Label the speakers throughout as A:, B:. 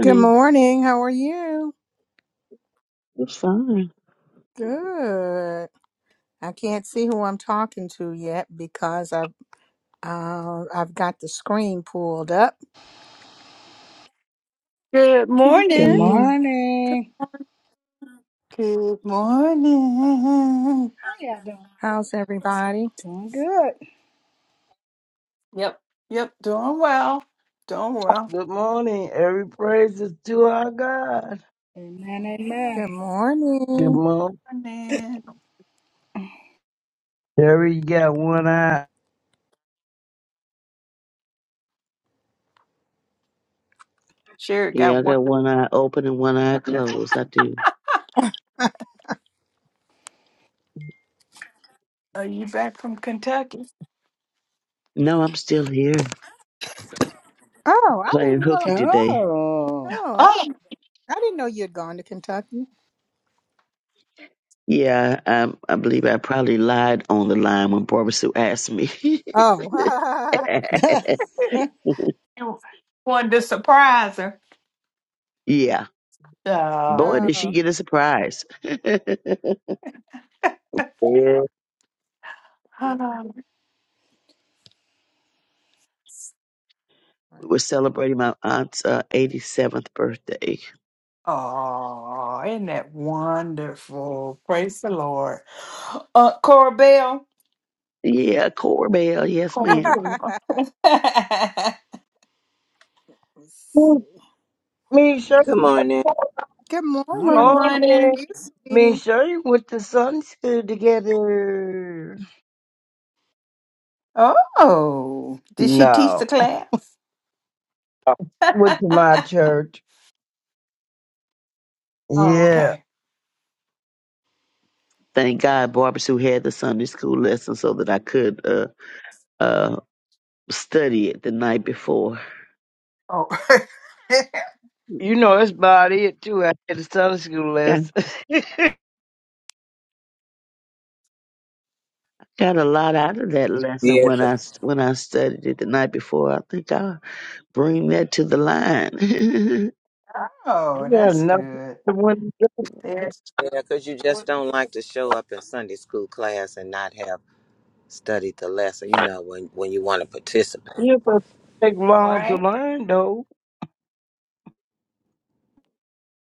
A: Good morning. How are you?
B: It's fine.
A: Good. I can't see who I'm talking to yet because I've uh, I've got the screen pulled up.
C: Good
B: It is
D: Good
C: morning.
B: me.
D: morning.
C: Good morning.
D: How y'all doing?
A: How's everybody?
D: Doing good.
C: Yep, yep, doing well. Doing well.
E: Good morning. Every praise is to our God.
D: Amen, amen.
A: Good
E: Good
A: morning.
E: morning.
C: Morning.
E: Terry. you got one eye.
C: Sherry
B: Yeah,
C: got
B: I
C: one.
B: got one eye open and one eye closed. I do.
C: Are you back from Kentucky?
B: No, I'm still here
A: Oh, I
B: playing
A: didn't know.
B: hooky today.
D: Oh,
A: Oh, I
C: Oh,
A: didn't. I didn't know you had gone to Kentucky.
B: Yeah, I, I believe I probably lied on the line when Barbara Sue asked me.
A: Oh.
C: you wanted to surprise her.
B: yeah.
C: Uh,
B: Boy, did she
A: oh.
B: get a surprise. we
E: Yeah.
A: okay.
B: were celebrating my aunt's uh, 87th birthday.
C: oh, isn't that wonderful? Praise the Lord. Uh, Cora Bell.
B: Yeah, Corbell. Yes,
C: Cora
B: ma'am.
C: Bell.
A: Let's see.
E: Ooh, Me and Shirley,
F: Good
E: Sherry,
F: morning.
A: Good morning.
D: honey,
A: How are
E: morning.
C: Morning.
A: you,
E: Me and
A: sweetie?
E: Shirley went to Sunday school together.
C: oh, did she teach the
E: No.
C: class?
E: Uh, Went to my church.
C: Oh,
E: Yeah.
C: okay.
B: Thank God Barbara Sue had the Sunday school lesson so that I could uh, uh, study it the night before.
C: Oh,
E: You know, it's about it, too. I had a Sunday school
B: I
E: lesson. you
B: got a lot out of that lesson
F: Yes.
B: when I when I studied it the night before. I think I'll bring that to the line.
C: oh,
E: got
C: that's
E: nothing
C: good.
E: to win.
C: There's
F: Yeah, because you just don't like to show up in Sunday school class and not have studied the lesson, you know, when, when you want to participate.
E: It doesn't take long to
C: right.
E: learn, though.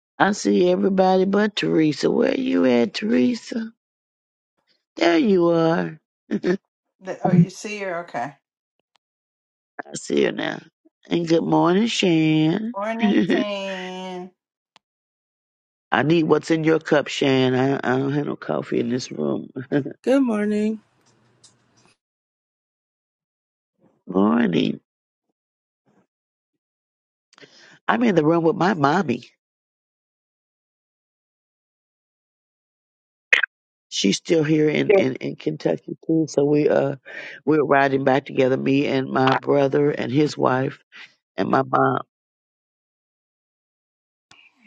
B: I see everybody but Teresa. Where you at, Teresa? There you are. I
C: The- oh, you see her. Okay.
B: see her now. And good morning, Shan. I
C: Ornamenting.
B: need what's in your cup, Shan. I, I don't have no coffee in this room.
G: Good morning.
B: Morning. I'm in the room with my mommy. she's still here in, in, in Kentucky too. So we uh we're riding back together, me and my brother and his wife and my mom.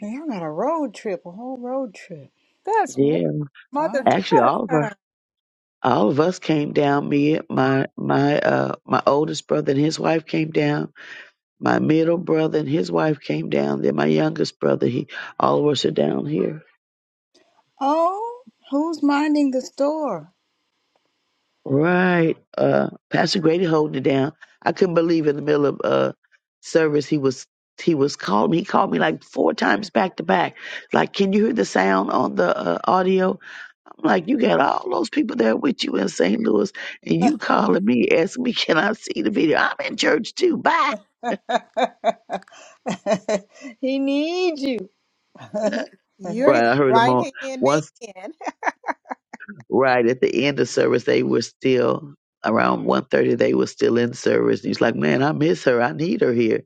D: y'all got a road trip, a whole road trip.
A: That's
B: Yeah.
A: mother
D: Fun.
B: Actually
A: daughter
B: all of her
A: time.
B: all of us came down. Me my my uh my oldest brother and his wife came down. My middle brother and his wife came down. Then my youngest brother, he all of us are down here.
D: Oh, who's minding the store?
B: Right. Uh, Pastor Grady holding it down. I couldn't believe in the middle of uh service he was he was calling me. He called me like four times back to back. Like, can you hear the sound on the uh, audio? I'm like, you got all those people there with you in St. Louis, and you calling me asking me, can I see the video? I'm in church too. Bye.
D: he needs you. oh,
A: You're
D: wow.
A: his
B: Right. I heard them
A: right
B: on
A: hand man.
B: once. Right at the end of service, they were still around 1.30 they were still in service And he's like man i miss her i need her here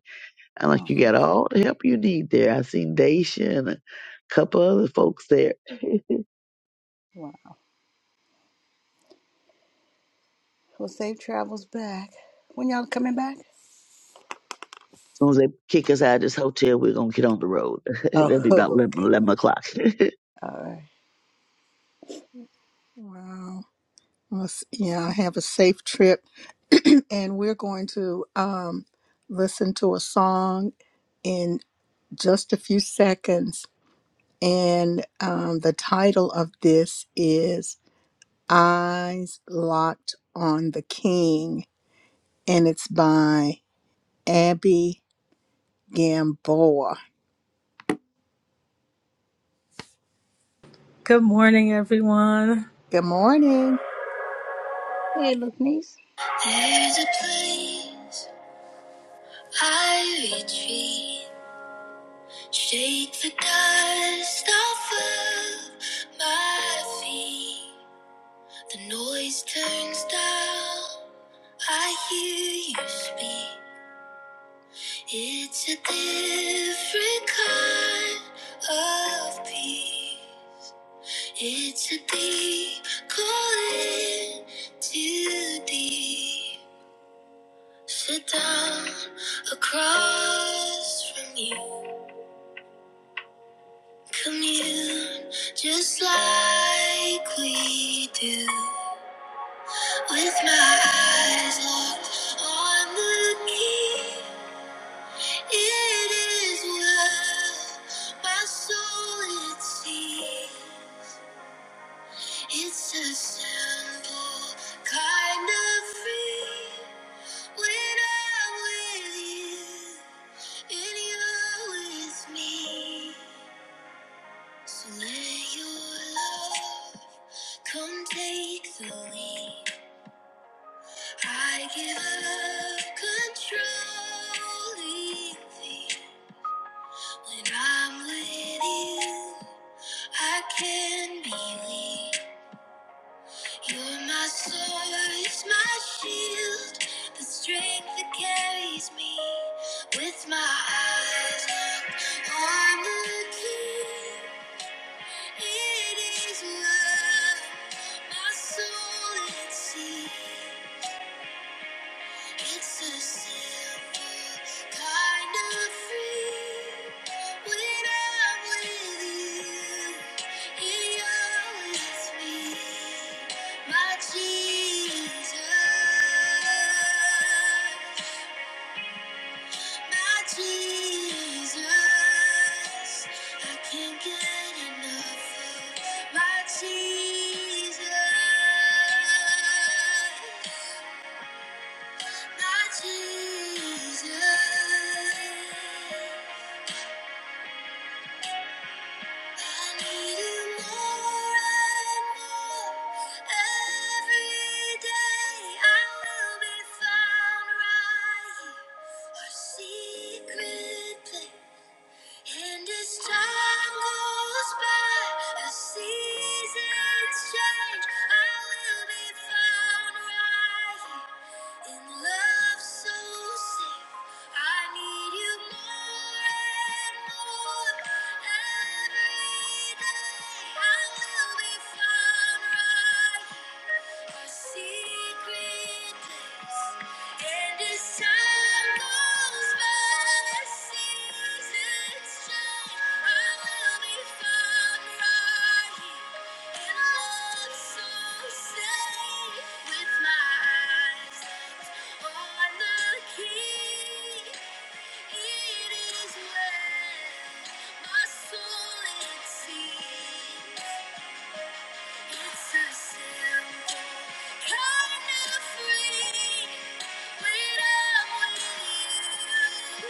B: I'm like, you got all the help you need there. I seen Daisha and a couple other folks there. As
D: Well, safe travels back. When y'all coming back?
B: soon as they kick us out of this hotel, we're going to get on the road. That'll
D: Oh,
B: be about 11,
D: okay.
B: eleven o'clock.
D: All right.
A: Wow. Well, s- Yeah, have a safe trip. and we're going to um, listen to a song in just a few seconds. And um, the title of this is Eyes Locked on the King, and it's by Abby Gamboa.
H: Good morning, everyone.
A: Good morning.
D: Hey, look, niece.
A: There's a place I retreat. Shake the dust off of my feet. The noise turns down. I hear you speak. It's a different kind of peace. It's a deep calling to deep. Sit down across from you. Commune just like we do. With my eyes locked on the key, it is well. My soul it sees. It's a simple kind of free. When I'm with you, and you're with me. So let your love come take the lead. I give up controlling things. When I'm with you, I can believe. You're my source, my shield, the strength that carries me. With my eyes locked on the king. It is well, my soul at sea. It's a simple kind of free. When I'm with you, and you're with me, my Jesus. My Jesus, I can't get enough of my Jesus, my Jesus. I need you more and more every day. I will be found right here, our secret place. And as time goes by, as seasons change, I will be found right here in love so safe. I need you more and more every day. I will be found right here, our secret place. And as time goes by, seasons change. I will be found right here in love so safe, with my eyes on the King. It is well, my soul it sees. It's a simple kind of freedom when I'm with you,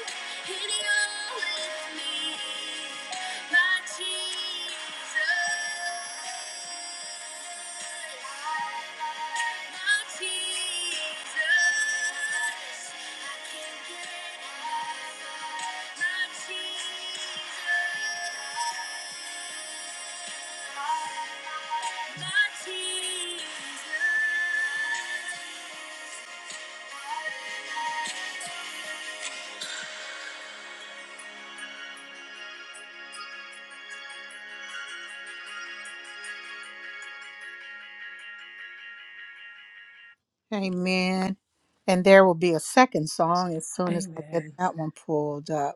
A: and you're with me, my Jesus. Amen. And there will be a second song as soon as I get
H: Amen.
A: that one pulled up.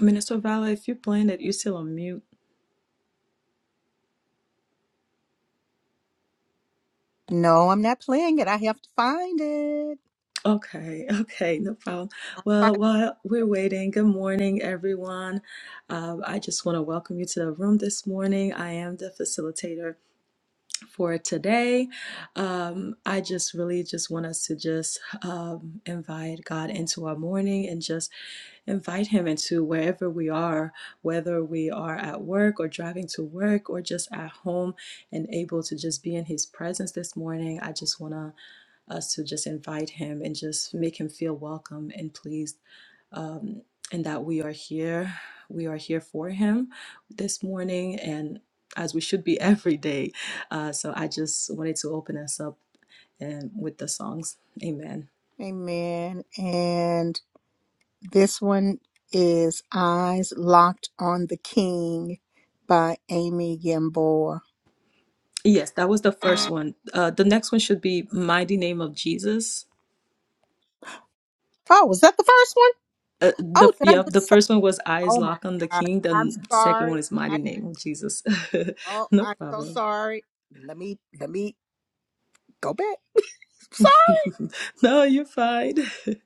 H: Minister Vala, if you're playing it, you're still on mute.
A: No, I'm not playing it. I have to find it.
H: Okay, okay, no problem.
A: I find-
H: Well, while we're waiting, good morning, everyone. Um, I just want to welcome you to the room this morning. I am the facilitator for today. Um, I just really just want us to just um, invite God into our morning and just Invite him into wherever we are, whether we are at work or driving to work or just at home and able to just be in his presence this morning. I just want to us to just invite him and just make him feel welcome and pleased um, and that we are here. We are here for him this morning and as we should be every day. Uh, so I just wanted to open us up and with the songs. Amen.
A: Amen. And this one is Eyes Locked on the King by Amy Gamboa.
H: Yes, that was the first one. Uh, the next one should be Mighty Name of Jesus.
A: Oh, was that the first one?
H: Uh, the
A: Oh, did I
H: yeah,
A: just? the
H: the first one was Eyes
A: Oh my
H: Locked on the
A: gosh.
H: King.
A: I'm
H: The second one
A: sorry.
H: is Mighty
A: I
H: Name of Jesus.
A: oh
H: no
A: I'm so
H: problem.
A: sorry. Let me let me go back. Sorry.
H: no, you're fine.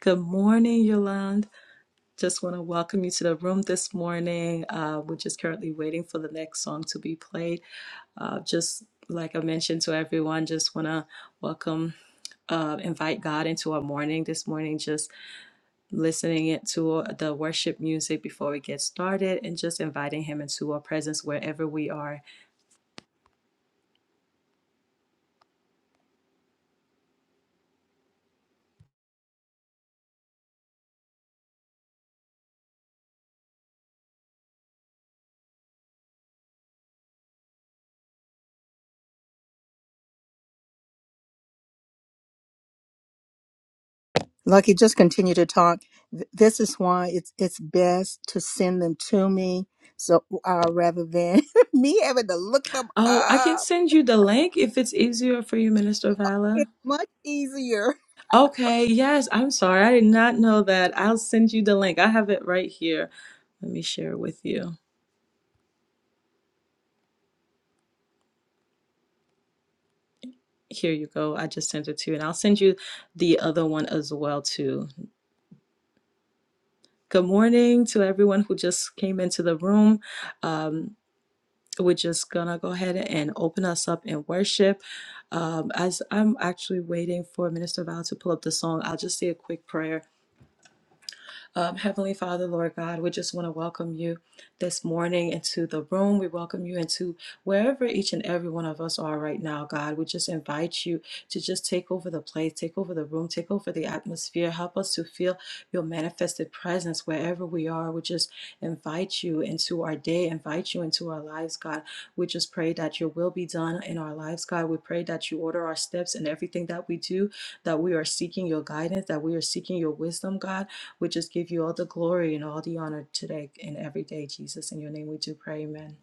H: Good morning, Yolande. Just want to welcome you to the room this morning. Uh, we're just currently waiting for the next song to be played. Uh, just like I mentioned to everyone, just want to welcome uh, invite God into our morning this morning. Just listening it to uh, the worship music before we get started and just inviting him into our presence wherever we are.
A: Lucky, just continue to talk. Th- This is why it's it's best to send them to me. So uh, rather than me having to look them
H: Oh, I can
A: up,
H: send you the link if it's easier for you, Minister Vala.
A: it's much easier.
H: Okay, yes, I'm sorry. I did not know that. I'll send you the link. I have it right here. Let me share it with you. Here you go. I just sent it to you, and I'll send you the other one as well too. Good morning to everyone who just came into the room. Um, we're just gonna go ahead and open us up in worship. Um, as I'm actually waiting for Minister Val to pull up the song, I'll just say a quick prayer um, Heavenly Father, Lord God, we just want to welcome you this morning into the room. We welcome you into wherever each and every one of us are right now, God. We just invite you to just take over the place, take over the room, take over the atmosphere. Help us to feel your manifested presence wherever we are. We just invite you into our day, invite you into our lives, God. We just pray that your will be done in our lives, God. We pray that you order our steps in everything that we do, that we are seeking your guidance, that we are seeking your wisdom, God. We just give you all the glory and all the honor today and every day, Jesus. In your name we do pray, amen.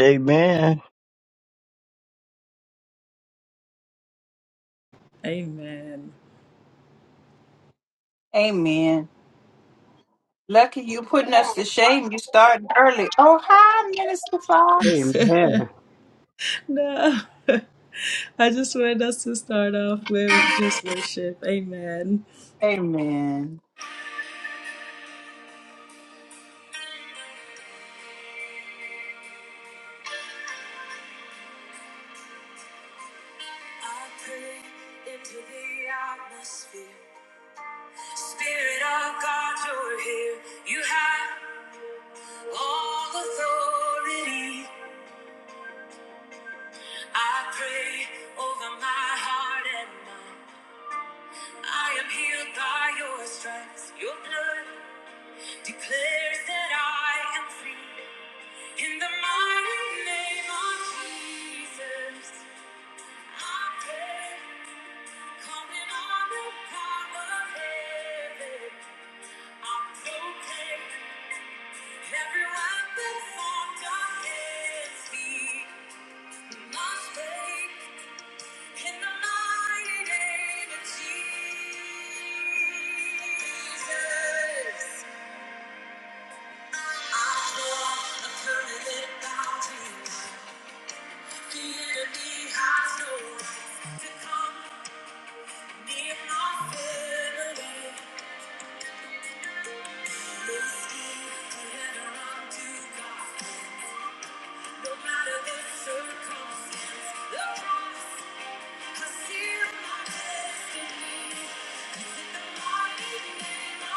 E: Amen.
H: Amen.
C: Amen. Lucky you putting us to shame. You starting early. Oh, hi, Minister Fox.
I: Amen.
H: no, I just wanted us to start off with just worship. Amen.
C: Amen.
A: I pray into the atmosphere. Spirit of God, you're here. You have all authority. I pray over my heart and mind. I am healed by your stripes. Your blood declares that I am free. In the mighty name of Jesus, I pray, calling on the power of heaven. I proclaim every weapon formed against me must break. In the mighty name of Jesus, I draw a permanent boundary. The enemy has no right to come near my family. They scheme to enter onto God. No matter the circumstance, the promise in the mighty name of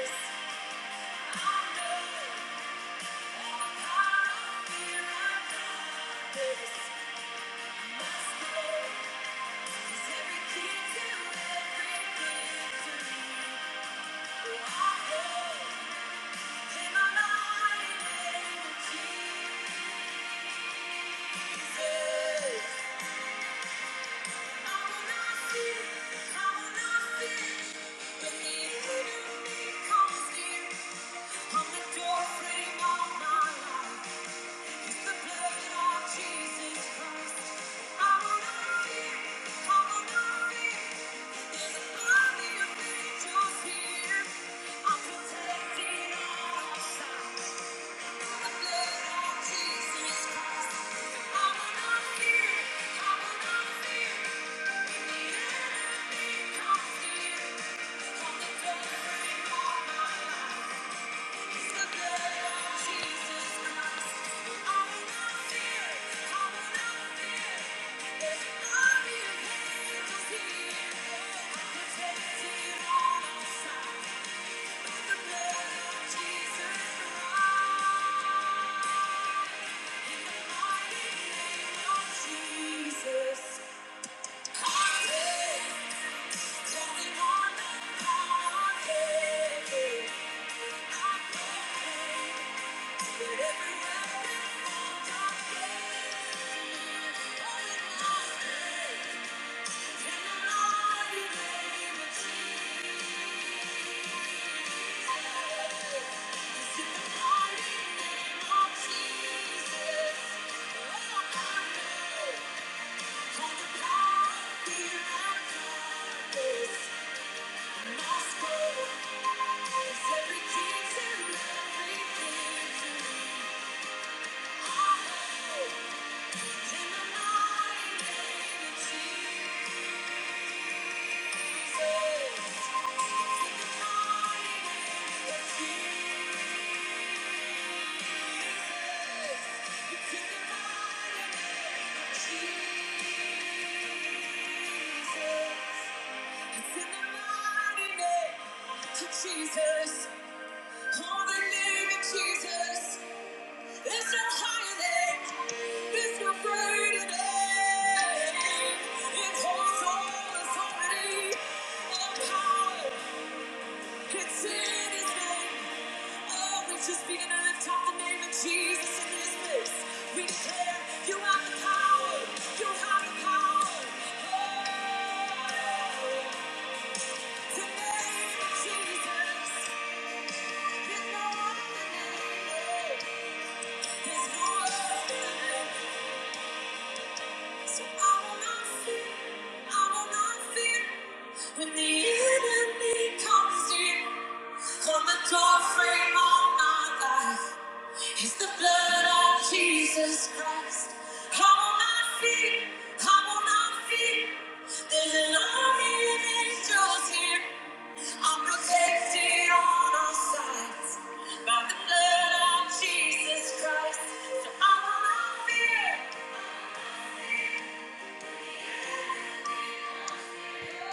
A: Jesus. I of the I'm my life. Thank you. Jesus. Thank you. Jesus, oh the name of Jesus. It's your higher name. It's your greater name. It holds all authority and power. It's in His name. Oh, we just begin to lift up the name of Jesus in this place. We declare you have the power. You have the power. Oh, the name of Jesus. There's no other name. There's no other name. So I will not fear, I will not fear. When the enemy comes in, on the doorframe of my life, it's the blood of Jesus Christ. I will not fear, I will not fear. There's an army of angels here. I'm protected on all sides by the blood of Jesus Christ. So I will not fear. Yeah.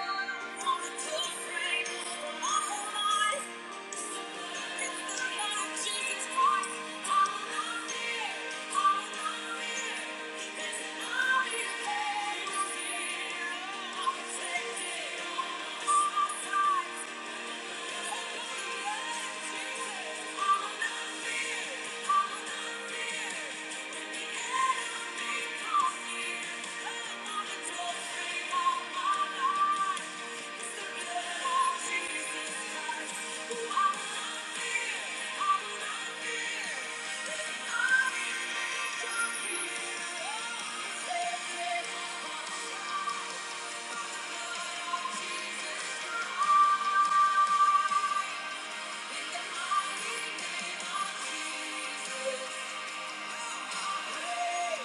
A: Yeah.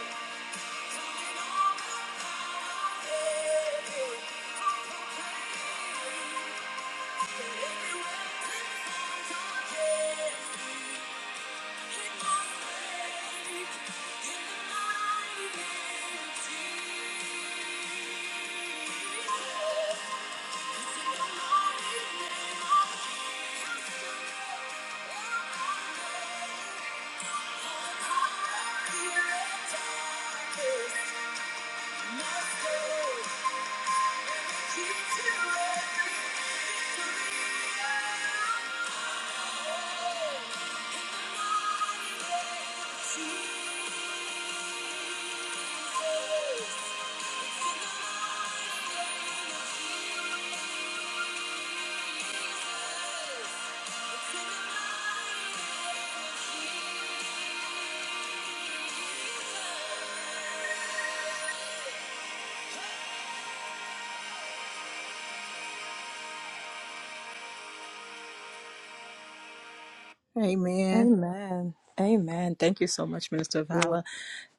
A: Yeah. Amen.
H: Amen. Amen. Thank you so much, Minister
A: You're welcome.
H: Vala.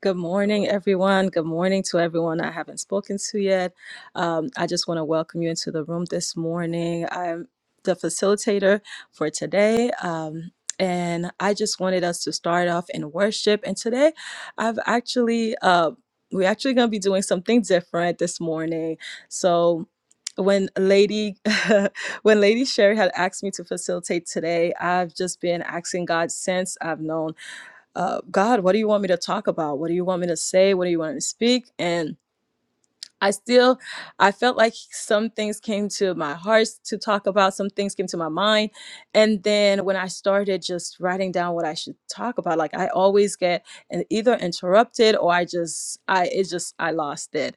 H: Good morning, everyone. Good morning to everyone I haven't spoken to yet. Um, I just want to welcome you into the room this morning. I'm the facilitator for today. Um, and I just wanted us to start off in worship. And today, I've actually, uh, we're actually going to be doing something different this morning. So, when lady when lady sherry had asked me to facilitate today i've just been asking god since i've known uh, God, what do you want me to talk about? What do you want me to say? What do you want me to speak? And I still I felt like some things came to my heart to talk about, some things came to my mind. And then when I started just writing down what I should talk about, like I always get an, either interrupted or I just I it just I lost it.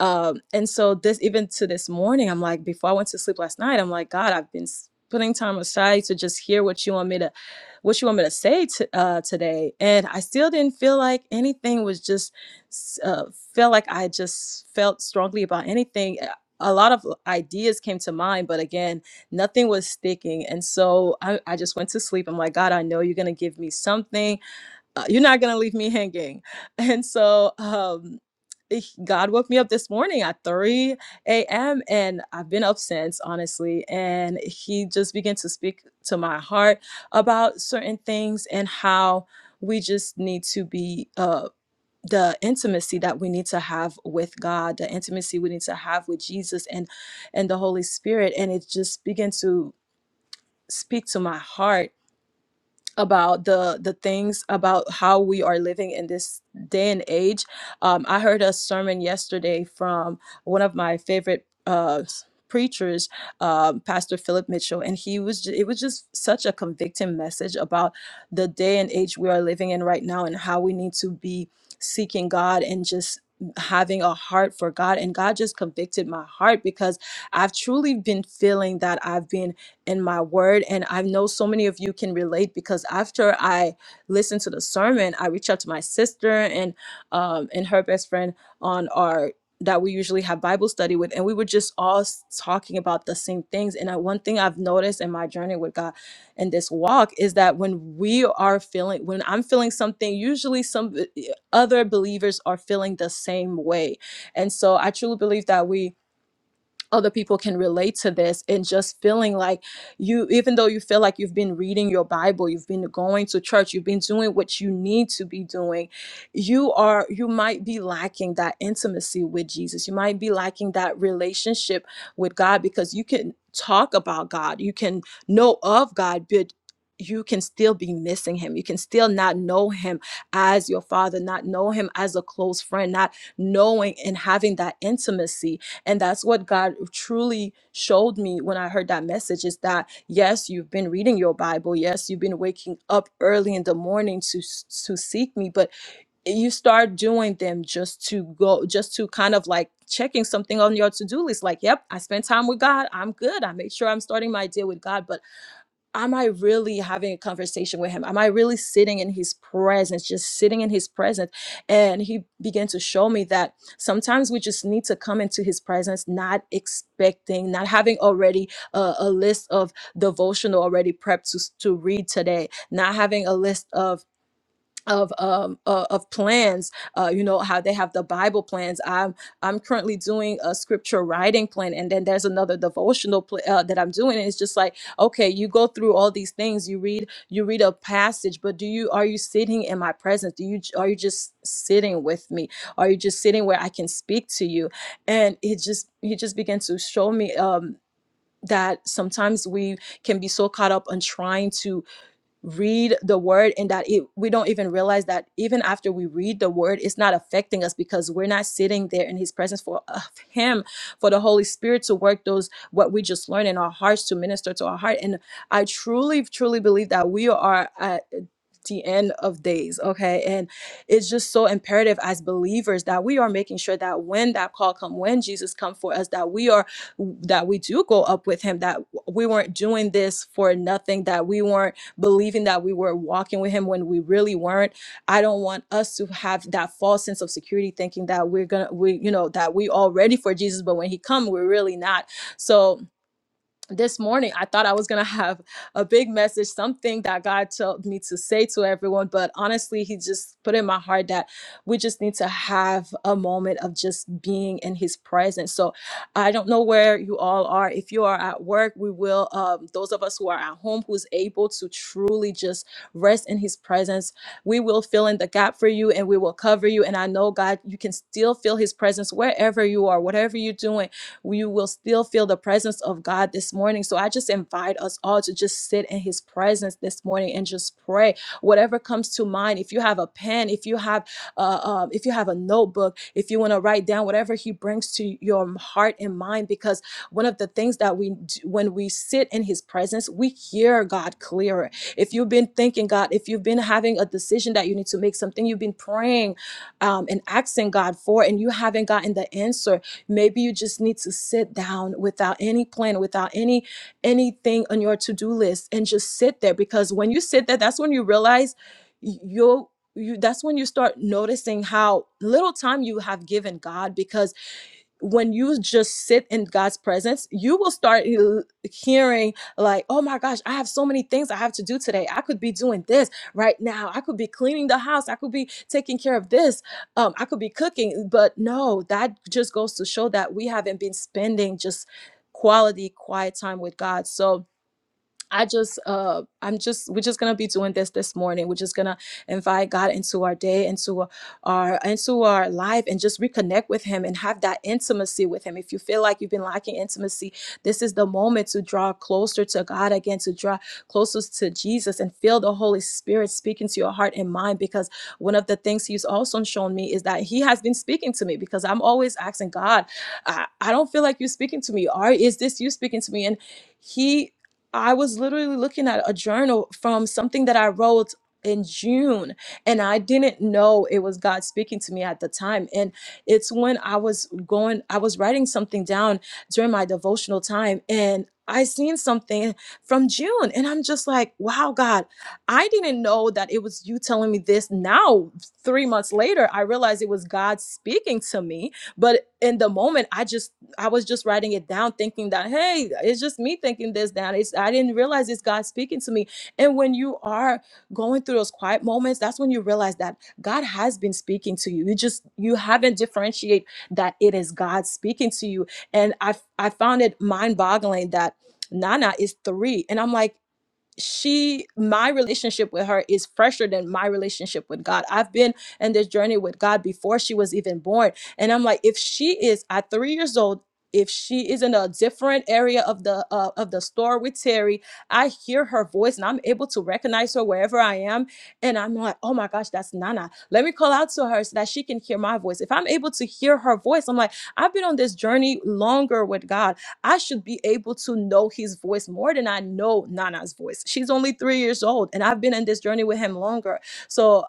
H: Um and so this even to this morning, I'm like before I went to sleep last night, I'm like god, I've been s- putting time aside to just hear what you want me to what you want me to say to, uh, today and i still didn't feel like anything was just s- uh, felt like I just felt strongly about anything. Uh, A lot of ideas came to mind, but again, nothing was sticking. And so I, I just went to sleep. I'm like, God, I know you're going to give me something. Uh, you're not going to leave me hanging. And so, um, eh, God woke me up this morning at 3 a.m. and I've been up since, honestly. And He just began to speak to my heart about certain things and how we just need to be. uh the intimacy that we need to have with God, the intimacy we need to have with Jesus and and the Holy Spirit, and it just began to speak to my heart about the the things about how we are living in this day and age. Um, I heard a sermon yesterday from one of my favorite uh, s- preachers, um, Pastor Philip Mitchell, and he was ju- it was just such a convicting message about the day and age we are living in right now and how we need to be seeking God and just having a heart for God and God just convicted my heart because I've truly been feeling that I've been in my word. And I know so many of you can relate because after I listened to the sermon, I reached out to my sister and um, and her best friend on our that we usually have Bible study with, and we were just all s- talking about the same things. And I, one thing I've noticed in my journey with God and this walk is that when we are feeling, when I'm feeling something, usually some eh, other believers are feeling the same way. And so I truly believe that we other people can relate to this and just feeling like you even though you feel like you've been reading your bible you've been going to church you've been doing what you need to be doing you are you might be lacking that intimacy with jesus you might be lacking that relationship with god because you can talk about god you can know of god but you can still be missing him. You can still not know him as your father, not know him as a close friend, not knowing and having that intimacy and that's what god truly showed me when i heard that message is that yes you've been reading your bible yes you've been waking up early in the morning to s- to seek me but you start doing them just to go just to kind of like checking something on your to-do list like yep i spent time with god i'm good i make sure i'm starting my day with god but am I really having a conversation with him? Am I really sitting in his presence, just sitting in his presence? And he began to show me that sometimes we just need to come into his presence, not expecting, not having already a, a list of devotional already prepped to, to read today, not having a list of of um uh, of plans uh you know how they have the bible plans i'm i'm currently doing a scripture writing plan and then there's another devotional pl- uh, that i'm doing and it's just like okay you go through all these things you read you read a passage but do you are you sitting in my presence do you are you just sitting with me are you just sitting where i can speak to you and it just he just began to show me um that sometimes we can be so caught up on trying to read the word and that it, we don't even realize that even after we read the word it's not affecting us because we're not sitting there in his presence for of him for the holy spirit to work those what we just learned in our hearts to minister to our heart and i truly truly believe that we are at the end of days okay and it's just so imperative as believers that we are making sure that when that call come when jesus come for us that we are that we do go up with him that we weren't doing this for nothing that we weren't believing that we were walking with him when we really weren't. I don't want us to have that false sense of security thinking that we're gonna we you know that we all ready for Jesus, but when he come, we're really not. So this morning i thought i was going to have a big message something that god told me to say to everyone but honestly he just put in my heart that we just need to have a moment of just being in his presence so i don't know where you all are if you are at work we will um, those of us who are at home who's able to truly just rest in his presence we will fill in the gap for you and we will cover you and i know god you can still feel his presence wherever you are whatever you're doing we will still feel the presence of God this morning. So I just invite us all to just sit in His presence this morning and just pray. Whatever comes to mind, if you have a pen, if you have uh, um, if you have a notebook, if you want to write down whatever He brings to your heart and mind, because one of the things that we do when we sit in His presence, we hear God clearer. If you've been thinking God, if you've been having a decision that you need to make, something you've been praying um, and asking God for, and you haven't gotten the answer Maybe you just need to sit down without any plan, without any anything on your to-do list and just sit there because when you sit there, that's when you realize y- you're you that's when you start noticing how little time you have given God because when you just sit in God's presence, you will start l- hearing, like, oh my gosh, I have so many things I have to do today. I could be doing this right now. I could be cleaning the house. I could be taking care of this. Um, I could be cooking. But no, that just goes to show that we haven't been spending just quality, quiet time with God. So, I just, uh, I'm just, we're just gonna be doing this this morning. We're just gonna invite God into our day, into our, our- into our life, and just reconnect with Him and have that intimacy with Him. If you feel like you've been lacking intimacy, this is the moment to draw closer to God again, to draw closest to Jesus, and feel the Holy Spirit speaking to your heart and mind. Because one of the things He's also shown me is that He has been speaking to me. Because I'm always asking God, I, I don't feel like you're speaking to me. Are is this you speaking to me? And he I was literally looking at a journal from something that I wrote in June and I didn't know it was God speaking to me at the time and it's when I was going I was writing something down during my devotional time and I seen something from June and I'm just like wow God I didn't know that it was you telling me this now 3 months later I realized it was God speaking to me but in the moment I just I was just writing it down, thinking that, hey, it's just me thinking this down. It's I didn't realize it's God speaking to me. And when you are going through those quiet moments, that's when you realize that God has been speaking to you. You just you haven't differentiate that it is God speaking to you. And I I found it mind-boggling that Nana is three. And I'm like, she my relationship with her is fresher than my relationship with God. I've been in this journey with God before she was even born. And I'm like, if she is at three years old, if she is in a different area of the uh, of the store with Terry, I hear her voice and I'm able to recognize her wherever I am. And I'm like, oh my gosh, that's Nana. Let me call out to her so that she can hear my voice. If I'm able to hear her voice, I'm like, I've been on this journey longer with God I should be able to know his voice more than I know Nana's voice. She's only three years old, and I've been in this journey with him longer. So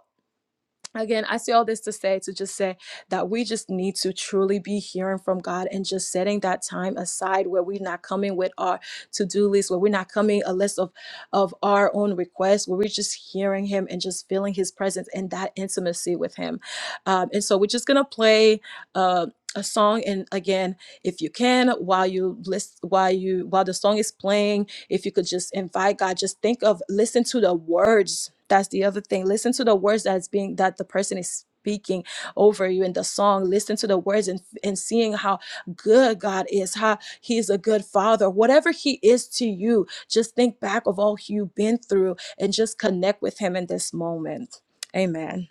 H: again i say all this to say to just say that we just need to truly be hearing from god and just setting that time aside where we're not coming with our to-do list where we're not coming a list of of our own requests where we're just hearing him and just feeling his presence and that intimacy with him um, and so we're just gonna play uh, a song and again if you can while you list while you while the song is playing if you could just invite God, just think of listen to the words. That's the other thing. Listen to the words that's being that the person is speaking over you in the song. Listen to the words and and seeing how good God is, how He is a good Father. Whatever He is to you, just think back of all you've been through and just connect with Him in this moment. Amen.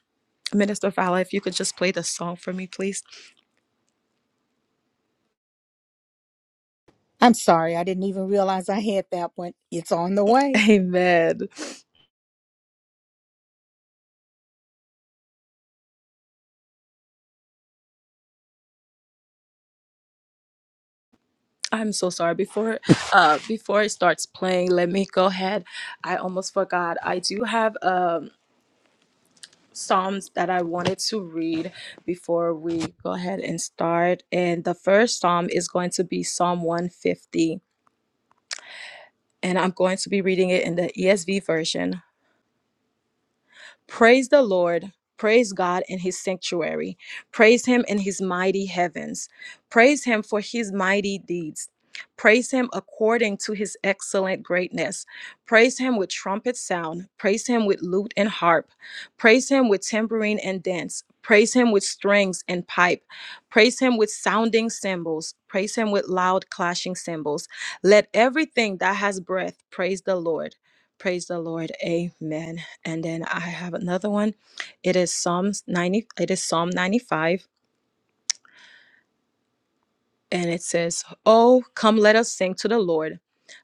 H: Minister Fowler, if you could just play the song for me, please.
A: I'm sorry, I didn't even realize I had that one. It's on the way.
H: Amen. I'm so sorry. Before uh before it starts playing, let me go ahead. I almost forgot. I do have um Psalms that I wanted to read before we go ahead and start. And the first Psalm is going to be Psalm 150. And I'm going to be reading it in the ESV version. Praise the Lord. Praise God in his sanctuary. Praise him in his mighty heavens. Praise him for his mighty deeds. Praise him according to his excellent greatness. Praise him with trumpet sound. Praise him with lute and harp. Praise him with tambourine and dance. Praise him with strings and pipe. Praise him with sounding cymbals. Praise him with loud clashing cymbals. Let everything that has breath praise the Lord. Praise the Lord. Amen. And then I have another one. It is Psalms 90, it is Psalm 95 and it says, Oh, come, let us sing to the Lord.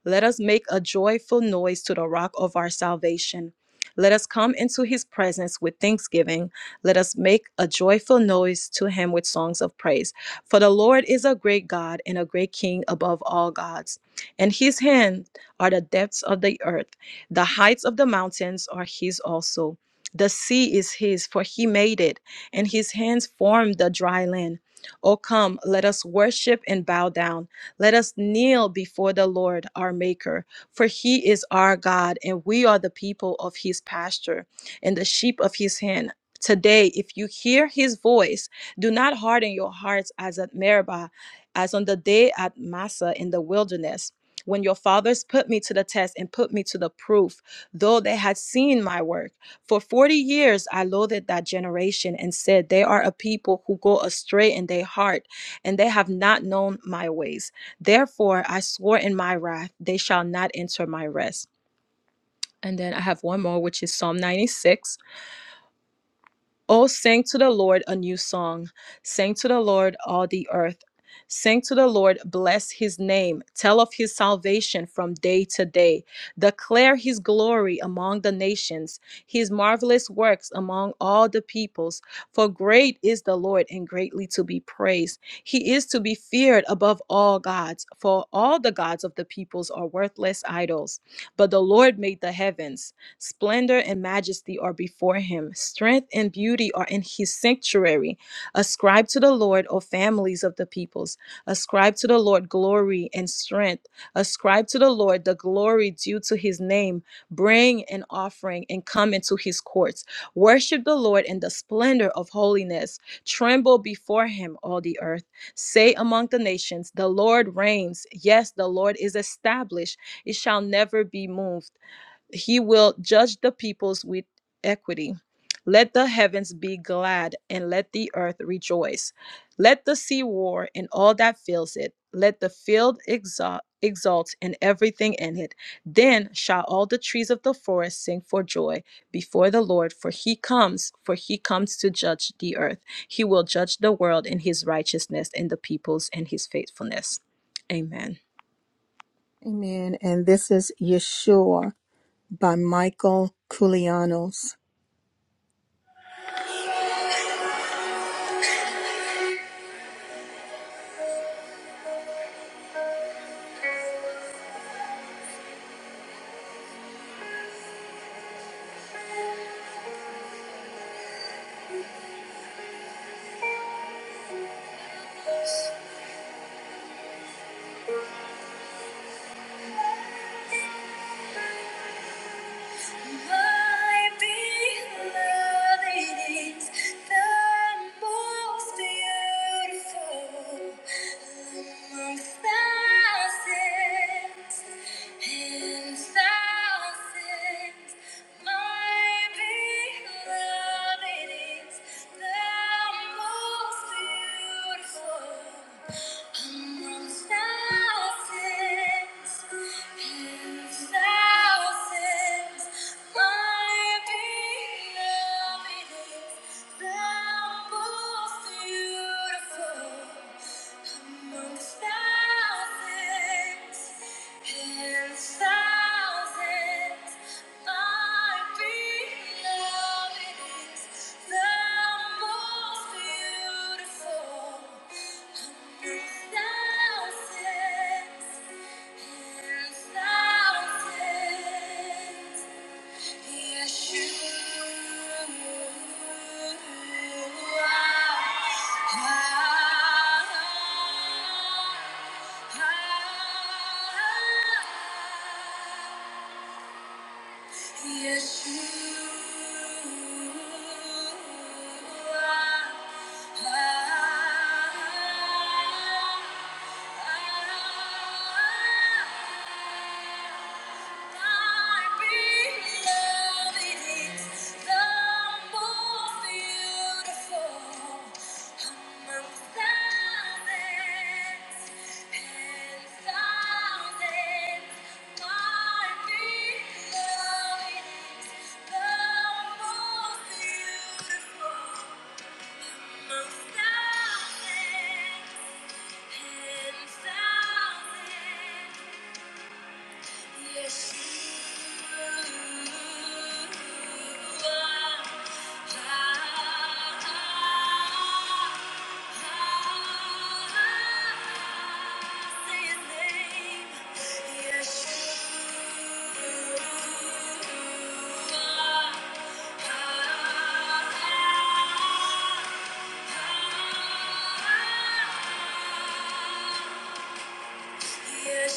H: Let us make a joyful noise to the rock of our salvation. Let us come into his presence with thanksgiving. Let us make a joyful noise to him with songs of praise. For the Lord is a great God and a great King above all gods. And his hand are the depths of the earth, the heights of the mountains are his also. The sea is his, for he made it, and his hands formed the dry land. O come, let us worship and bow down. Let us kneel before the Lord our Maker, for he is our God, and we are the people of his pasture and the sheep of his hand. Today, if you hear his voice, do not harden your hearts as at Meribah, as on the day at Massa in the wilderness, when your fathers put me to the test and put me to the proof, though they had seen my work. For 40 years, I loathed that generation and said, They are a people who go astray in their heart, and they have not known my ways. Therefore, I swore in my wrath, They shall not enter my rest. And then I have one more, which is Psalm 96. Oh, sing to the Lord a new song. Sing to the Lord all the earth. Sing to the Lord, bless his name. Tell of his salvation from day to day. Declare his glory among the nations, his marvelous works among all the peoples. For great is the Lord and greatly to be praised. He is to be feared above all gods, for all the gods of the peoples are worthless idols. But the Lord made the heavens. Splendor and majesty are before him, strength and beauty are in his sanctuary. Ascribe to the Lord, O families of the peoples. Ascribe to the Lord glory and strength. Ascribe to the Lord the glory due to his name. Bring an offering and come into his courts. Worship the Lord in the splendor of holiness. Tremble before him, all the earth. Say among the nations, The Lord reigns. Yes, the Lord is established. It shall never be moved. He will judge the peoples with equity. Let the heavens be glad and let the earth rejoice. Let the sea roar and all that fills it. Let the field exalt, exalt and everything in it. Then shall all the trees of the forest sing for joy before the Lord, for he comes, for he comes to judge the earth. He will judge the world in his righteousness and the peoples in his faithfulness. Amen.
A: Amen. And this is Yeshua. by Michael Koulianos. My beloved is the most beautiful among thousands and thousands. My beloved is the most beautiful among thousands and thousands. My beloved, thou most beautiful among thousands and thousands. My beloved is the most beautiful among thousands and thousands. Yeshua. Thousands and thousands. Yes, you are. We love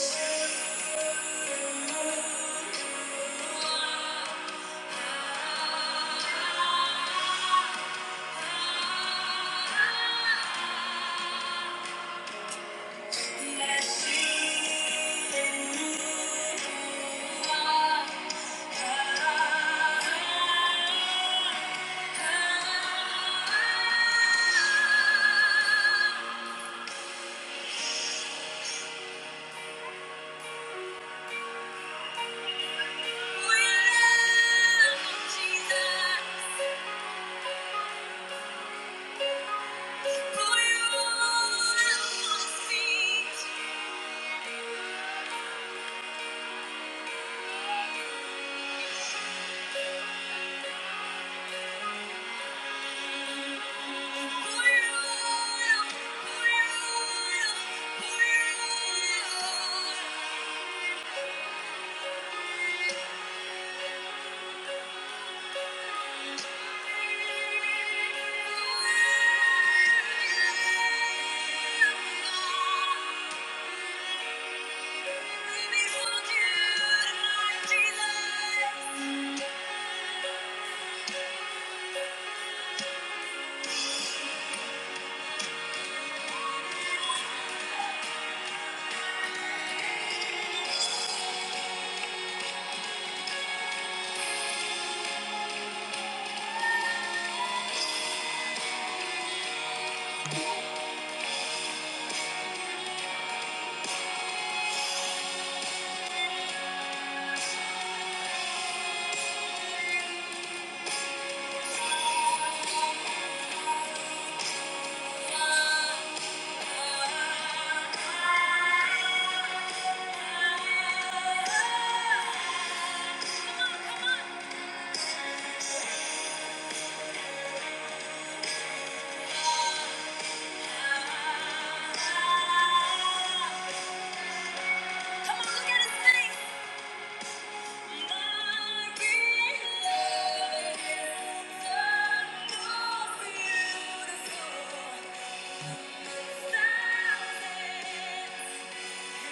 A: Jesus. Jesus. Come on, look at Thank you. Yeah.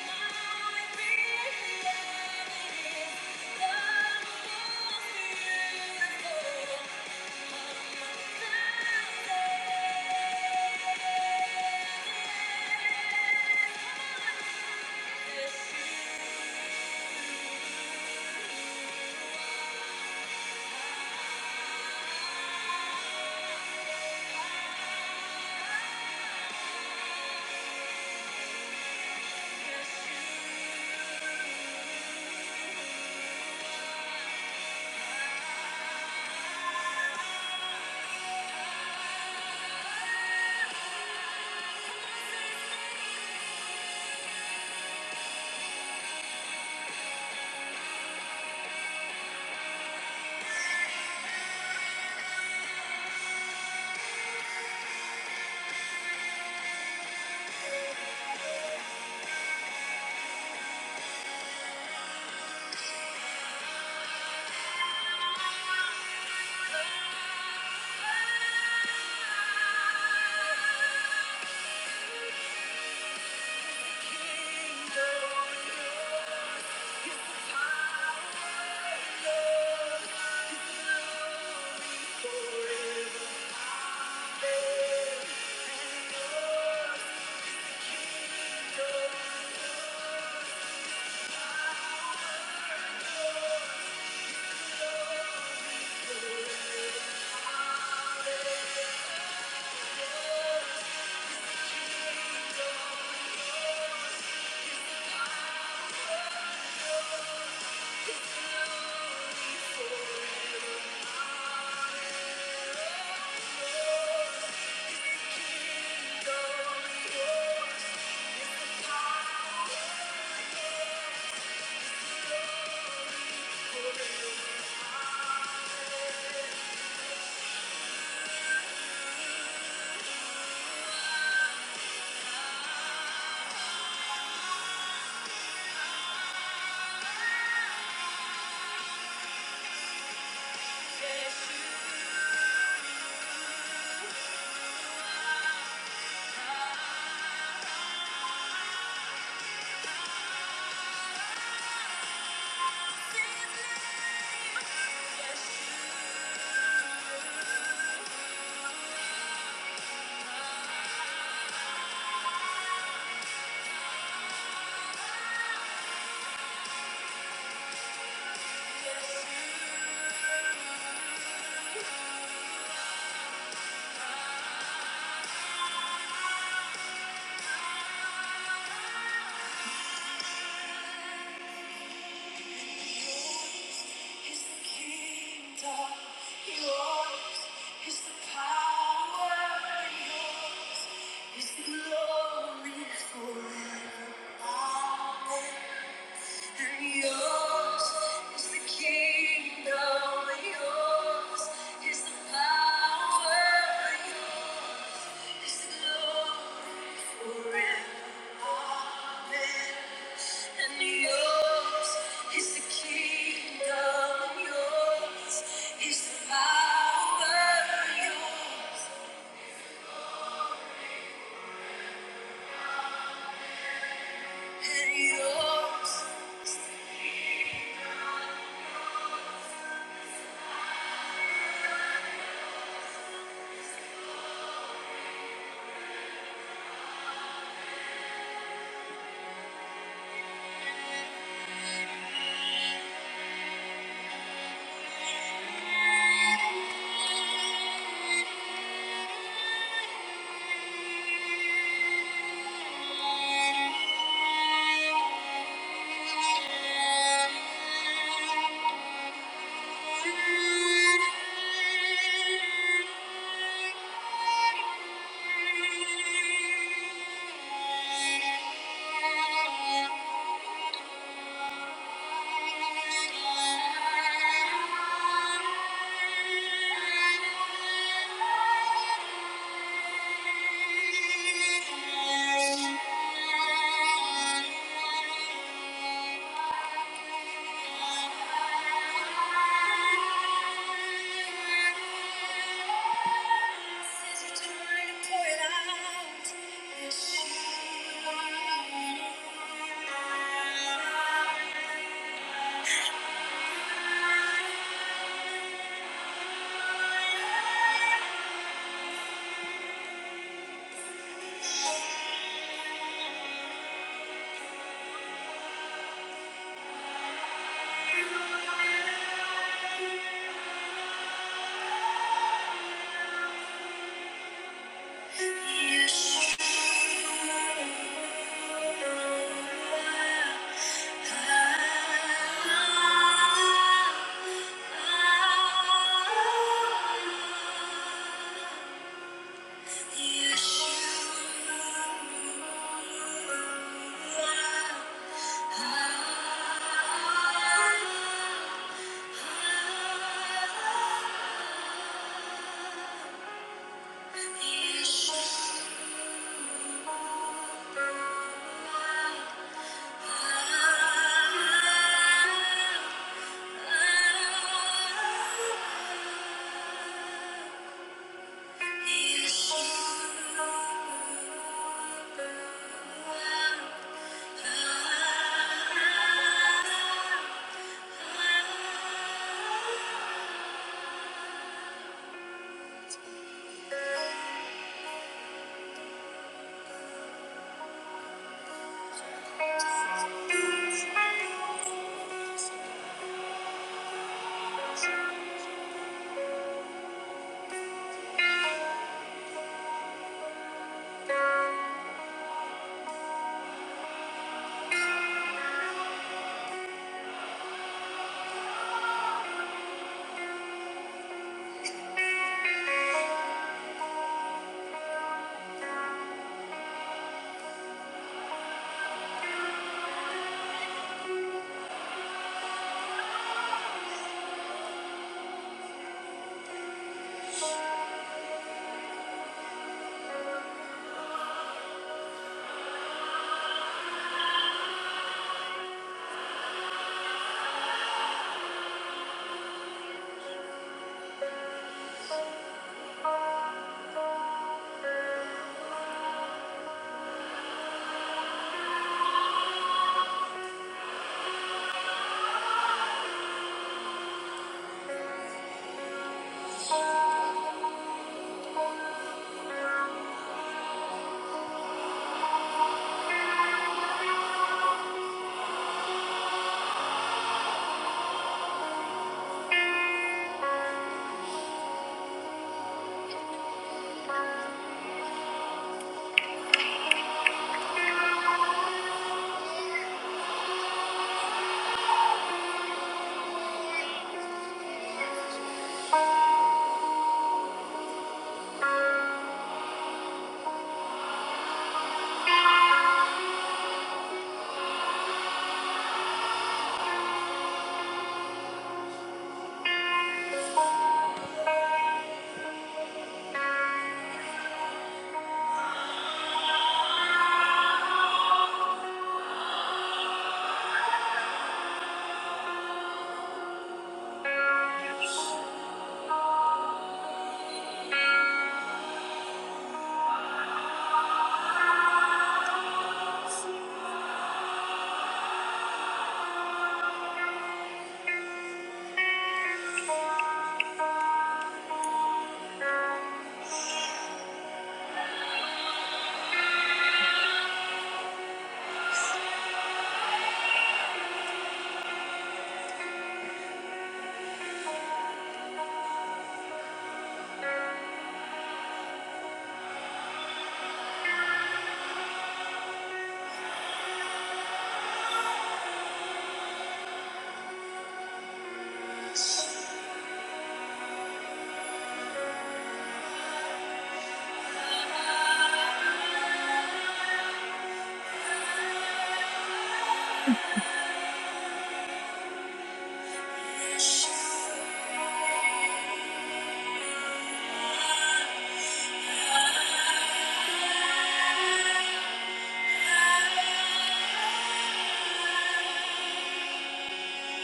A: His kingdom, yours is the power, yours is the glory forever. Amen. Yours is the kingdom, yours is the power, yours is the glory forever. Amen. And yours is the kingdom, yours is the power, yours, and yours is the kingdom. Thank you. Thank you. Yeshua. Thank you.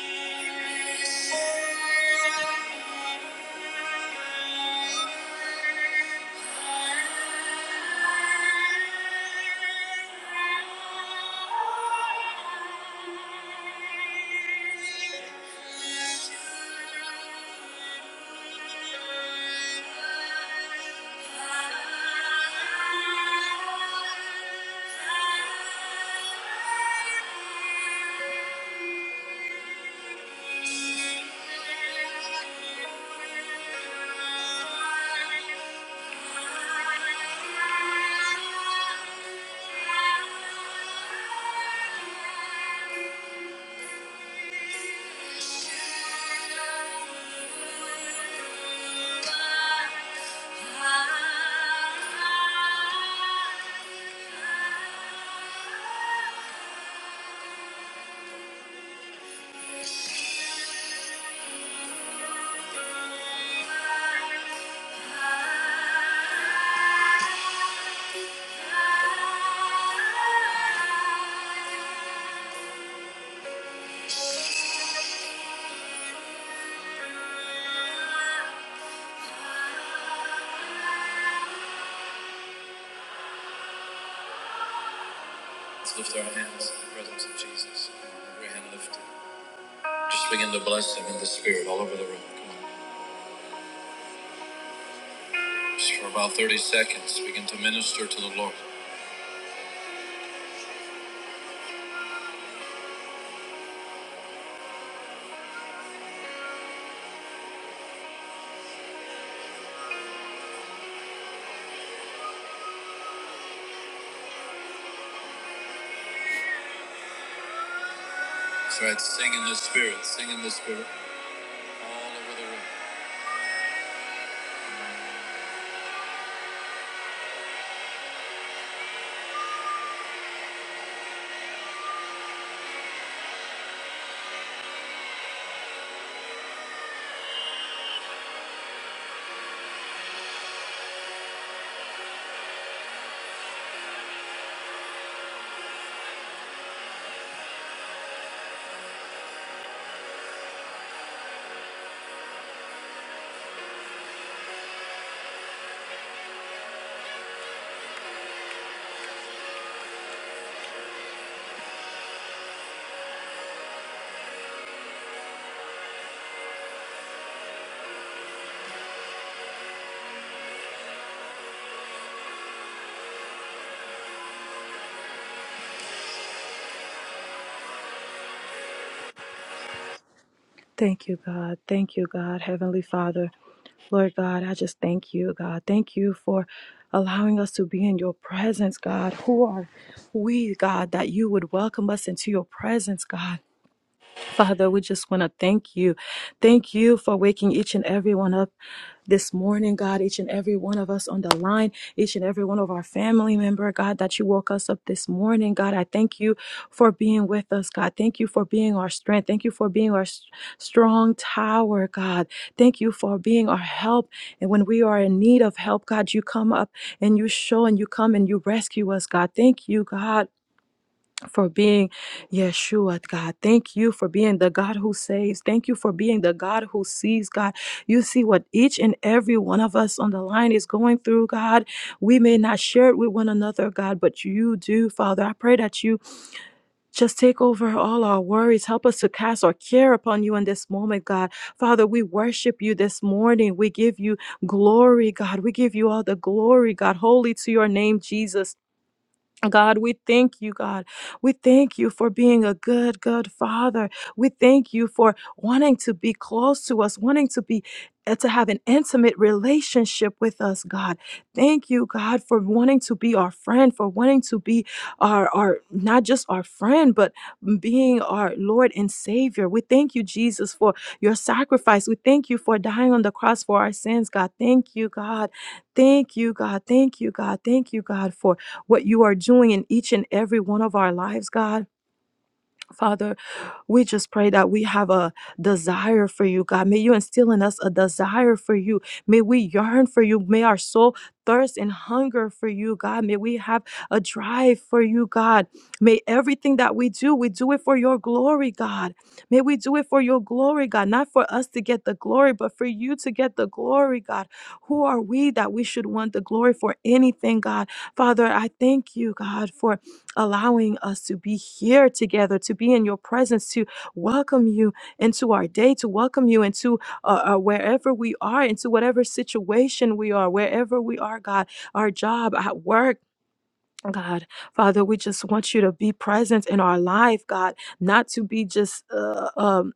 A: Thank you. Thank you. Let's lift our hands in the presence of Jesus. Every hand lifted. Just begin to bless him in the spirit all over the room. Come on. Just for about 30 seconds, begin to minister to the Lord. That's right. Sing in the spirit. Sing in the spirit all over
H: Thank you, God. Thank you, God, Heavenly Father. Lord God, I just thank you, God. Thank you for allowing us to be in your presence, God. Who are we, God, that you would welcome us into your presence, God? Father, we just want to thank you. Thank you for waking each and every one up this morning, God, each and every one of us on the line, each and every one of our family member, God, that you woke us up this morning. God, I thank you for being with us, God. Thank you for being our strength. Thank you for being our s- strong tower, God. Thank you for being our help. And when we are in need of help, God, you come up and you show and you come and you rescue us, God. Thank you, God for being Yeshua, God. Thank you for being the God who saves. Thank you for being the God who sees, God. You see what each and every one of us on the line is going through, God. We may not share it with one another, God, but you do, Father. I pray that you just take over all our worries. Help us to cast our care upon you in this moment, God. Father, we worship you this morning. We give you glory, God. We give you all the glory, God. Holy to your name, Jesus. God, we thank you, God. We thank you for being a good, good father. We thank you for wanting to be close to us, wanting to be uh, to have an intimate relationship with us, God. Thank you, God, for wanting to be our friend, for wanting to be our our not just our friend, but being our Lord and Savior. We thank you, Jesus, for your sacrifice. We thank you for dying on the cross for our sins, God. Thank you, God. Thank you, God. Thank you, God. Thank you, God, for what you are doing in each and every one of our lives, God. Father, we just pray that we have a desire for you, God. May you instill in us a desire for you. May we yearn for you. May our soul thirst and hunger for you, God. May we have a drive for you, God. May everything that we do, we do it for your glory, God. May we do it for your glory, God. Not for us to get the glory, but for you to get the glory, God. Who are we that we should want the glory for anything, God? Father, I thank you, God, for allowing us to be here together, to be in your presence, to welcome you into our day, to welcome you into uh, uh, wherever we are, into whatever situation we are, wherever we are, God, our job, at work. God, Father, we just want you to be present in our life, God, not to be just uh, um,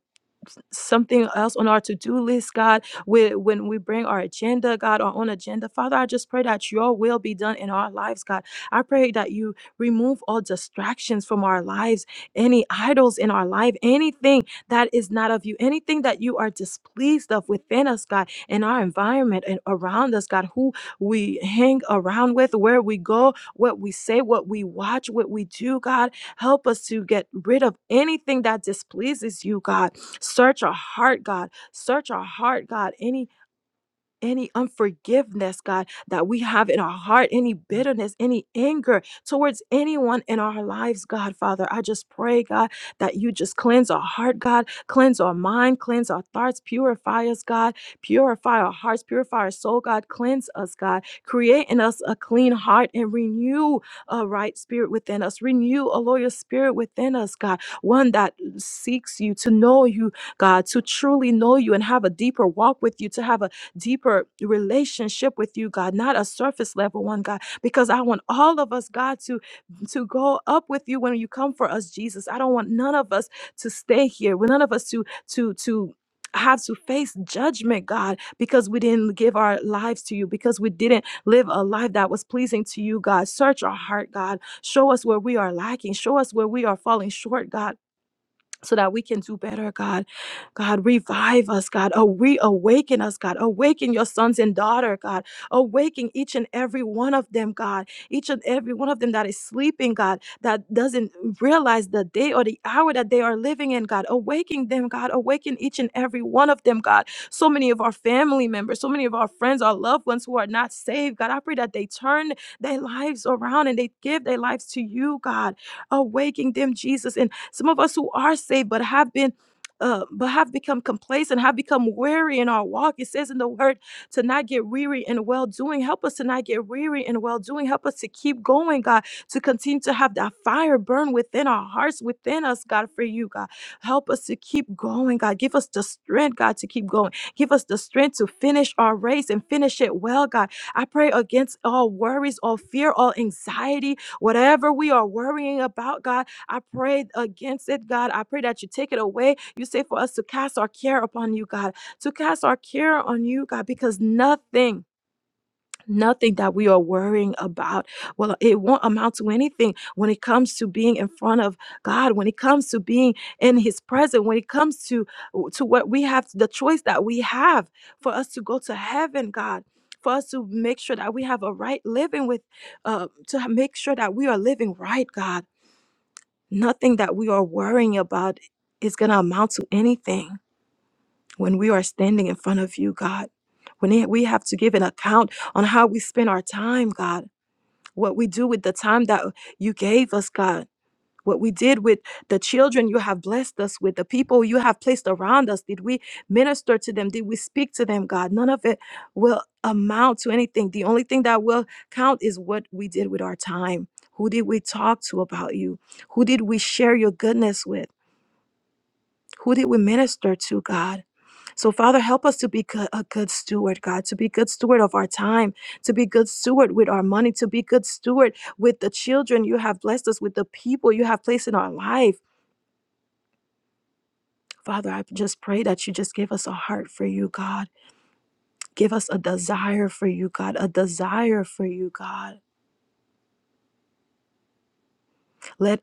H: something else on our to-do list, God. When, when we bring our agenda, God, our own agenda, Father, I just pray that your will be done in our lives, God. I pray that you remove all distractions from our lives, any idols in our life, anything that is not of you, anything that you are displeased of within us, God, in our environment and around us, God, who we hang around with, where we go, what we say, what we watch, what we do, God. Help us to get rid of anything that displeases you, God. Search our heart, God. Search our heart, God. Any any unforgiveness, God, that we have in our heart, any bitterness, any anger towards anyone in our lives, God, Father. I just pray, God, that you just cleanse our heart, God, cleanse our mind, cleanse our thoughts, purify us, God, purify our hearts, purify our soul, God, cleanse us, God, create in us a clean heart and renew a right spirit within us, renew a loyal spirit within us, God, one that seeks you to know you, God, to truly know you and have a deeper walk with you, to have a deeper relationship with you, God, not a surface level one, God, because I want all of us, God, to to go up with you when you come for us, Jesus. I don't want none of us to stay here. well, None of us to to to have to face judgment, God, because we didn't give our lives to you, because we didn't live a life that was pleasing to you, God. Search our heart, God. Show us where we are lacking. Show us where we are falling short, God so that we can do better, God. God, revive us, God. Oh, reawaken us, God. Awaken your sons and daughter, God. Awaken each and every one of them, God. Each and every one of them that is sleeping, God, that doesn't realize the day or the hour that they are living in, God. Awaken them, God. Awaken each and every one of them, God. So many of our family members, so many of our friends, our loved ones who are not saved, God. I pray that they turn their lives around and they give their lives to you, God. Awaken them, Jesus, and some of us who are saved but have been uh, but have become complacent, have become weary in our walk. It says in the word to not get weary in well doing. Help us to not get weary in well doing. Help us to keep going, God, to continue to have that fire burn within our hearts, within us, God, for you, God. Help us to keep going, God. Give us the strength, God, to keep going. Give us the strength to finish our race and finish it well, God. I pray against all worries, all fear, all anxiety, whatever we are worrying about, God. I pray against it, God. I pray that you take it away. You say for us to cast our care upon you, God, to cast our care on you, God, because nothing. Nothing that we are worrying about. Well, it won't amount to anything when it comes to being in front of God, when it comes to being in His presence, when it comes to to what we have, the choice that we have for us to go to heaven, God, for us to make sure that we have a right living with, uh, to make sure that we are living right, God. Nothing that we are worrying about is going to amount to anything when we are standing in front of you, God. When we have to give an account on how we spend our time, God, what we do with the time that you gave us, God what we did with the children you have blessed us with, the people you have placed around us. Did we minister to them? Did we speak to them, God? None of it will amount to anything. The only thing that will count is what we did with our time. Who did we talk to about you? Who did we share your goodness with? Who did we minister to, God? So, Father, help us to be good, a good steward, God, to be good steward of our time, to be good steward with our money, to be good steward with the children you have blessed us with, the people you have placed in our life. Father, I just pray that you just give us a heart for you, God. Give us a desire for you, God. A desire for you, God. Let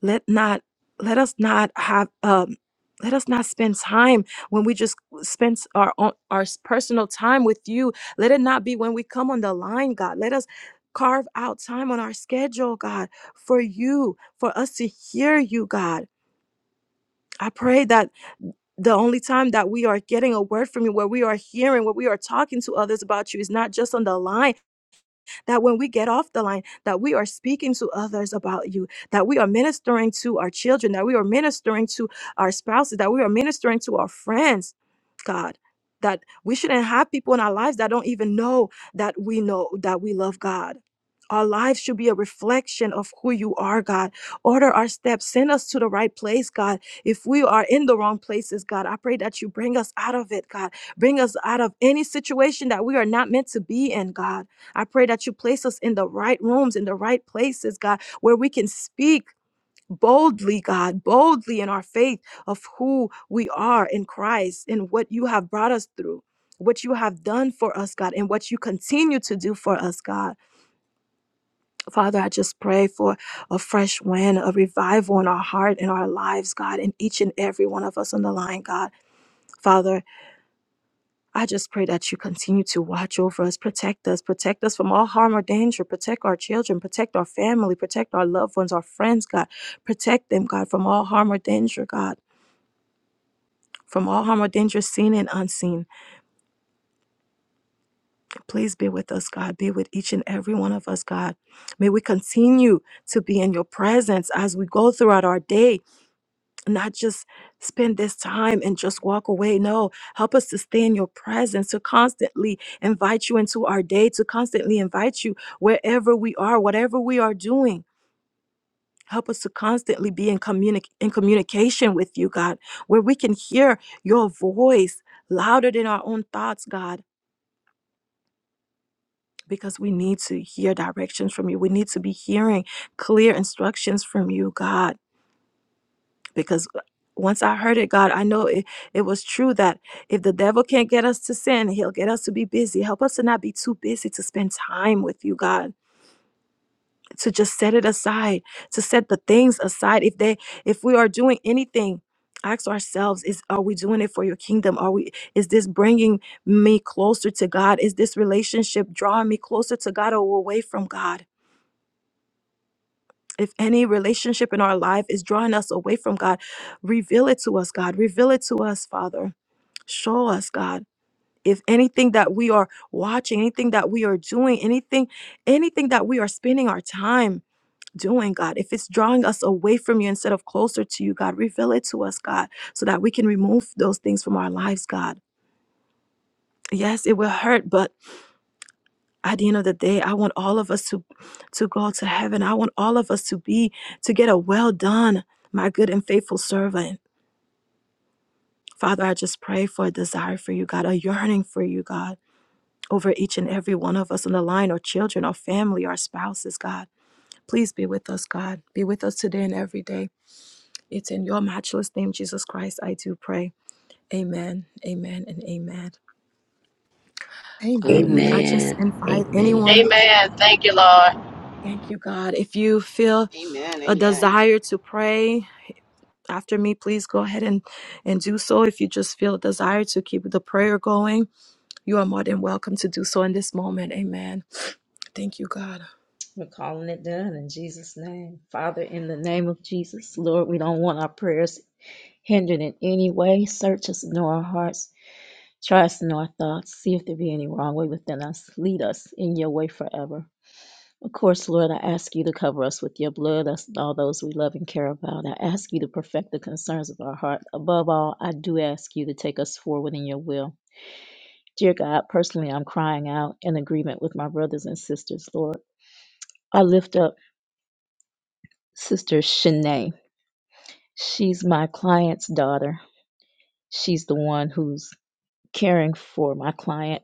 H: let not let us not have um let us not spend time when we just spend our own, our personal time with you. Let it not be when we come on the line, God. Let us carve out time on our schedule, God, for you, for us to hear you, God. I pray that the only time that we are getting a word from you, where we are hearing, where we are talking to others about you, is not just on the line that when we get off the line, that we are speaking to others about you, that we are ministering to our children, that we are ministering to our spouses, that we are ministering to our friends, God. That we shouldn't have people in our lives that don't even know that we know that we love God. Our lives should be a reflection of who you are, God. Order our steps. Send us to the right place, God. If we are in the wrong places, God, I pray that you bring us out of it, God. Bring us out of any situation that we are not meant to be in, God. I pray that you place us in the right rooms, in the right places, God, where we can speak boldly, God, boldly in our faith of who we are in Christ and what you have brought us through. What you have done for us, God, and what you continue to do for us, God. Father, I just pray for a fresh wind, a revival in our heart and our lives, God, in each and every one of us on the line, God. Father, I just pray that you continue to watch over us, protect us, protect us from all harm or danger, protect our children, protect our family, protect our loved ones, our friends, God. Protect them, God, from all harm or danger, God. From all harm or danger, seen and unseen. Please be with us, God. Be with each and every one of us, God. May we continue to be in your presence as we go throughout our day not just spend this time and just walk away. No, help us to stay in your presence, to constantly invite you into our day, to constantly invite you wherever we are, whatever we are doing. Help us to constantly be in, communi- in communication with you, God, where we can hear your voice louder than our own thoughts, God, because we need to hear directions from you. We need to be hearing clear instructions from you, God. because uh, once I heard it, God, I know it, it was true that if the devil can't get us to sin, he'll get us to be busy. Help us to not be too busy to spend time with you, God, to just set it aside, to set the things aside. If they if we are doing anything, ask ourselves is are we doing it for your kingdom are we is this bringing me closer to god is this relationship drawing me closer to god or away from god If any relationship in our life is drawing us away from God, reveal it to us, God. Reveal it to us, Father. Show us, God. If anything that we are watching, anything that we are doing, anything, anything that we are spending our time doing, God, if it's drawing us away from you instead of closer to you, God, reveal it to us, God, so that we can remove those things from our lives, God. Yes, it will hurt, but at the end of the day i want all of us to to go to heaven i want all of us to be to get a well done my good and faithful servant father i just pray for a desire for you god a yearning for you god over each and every one of us on the line our children our family our spouses god please be with us god be with us today and every day it's in your matchless name jesus christ i do pray amen amen and amen
A: the room.
H: um,
E: Amen.
H: i just
J: Amen.
H: invite
J: Amen.
H: anyone
K: Amen. Thank you, Lord.
H: Thank you, God. If you feel
L: Amen.
H: a
L: Amen.
H: desire to pray after me, please go ahead and, and do so. If you just feel a desire to keep the prayer going, you are more than welcome to do so in this moment. Amen. Thank you, God.
M: We're calling it done in Jesus' name. Father, in the name of Jesus, Lord, we don't want our prayers hindered in any way. Search us, know our hearts. Try us, know our thoughts. See if there be any wrong way within us. Lead us in your way forever. Of course, Lord, I ask you to cover us with your blood, us and all those we love and care about. I ask you to perfect the concerns of our heart. Above all, I do ask you to take us forward in your will. Dear God, personally, I'm crying out in agreement with my brothers and sisters, Lord. I lift up Sister Shanae. She's my client's daughter. She's the one who's caring for my client.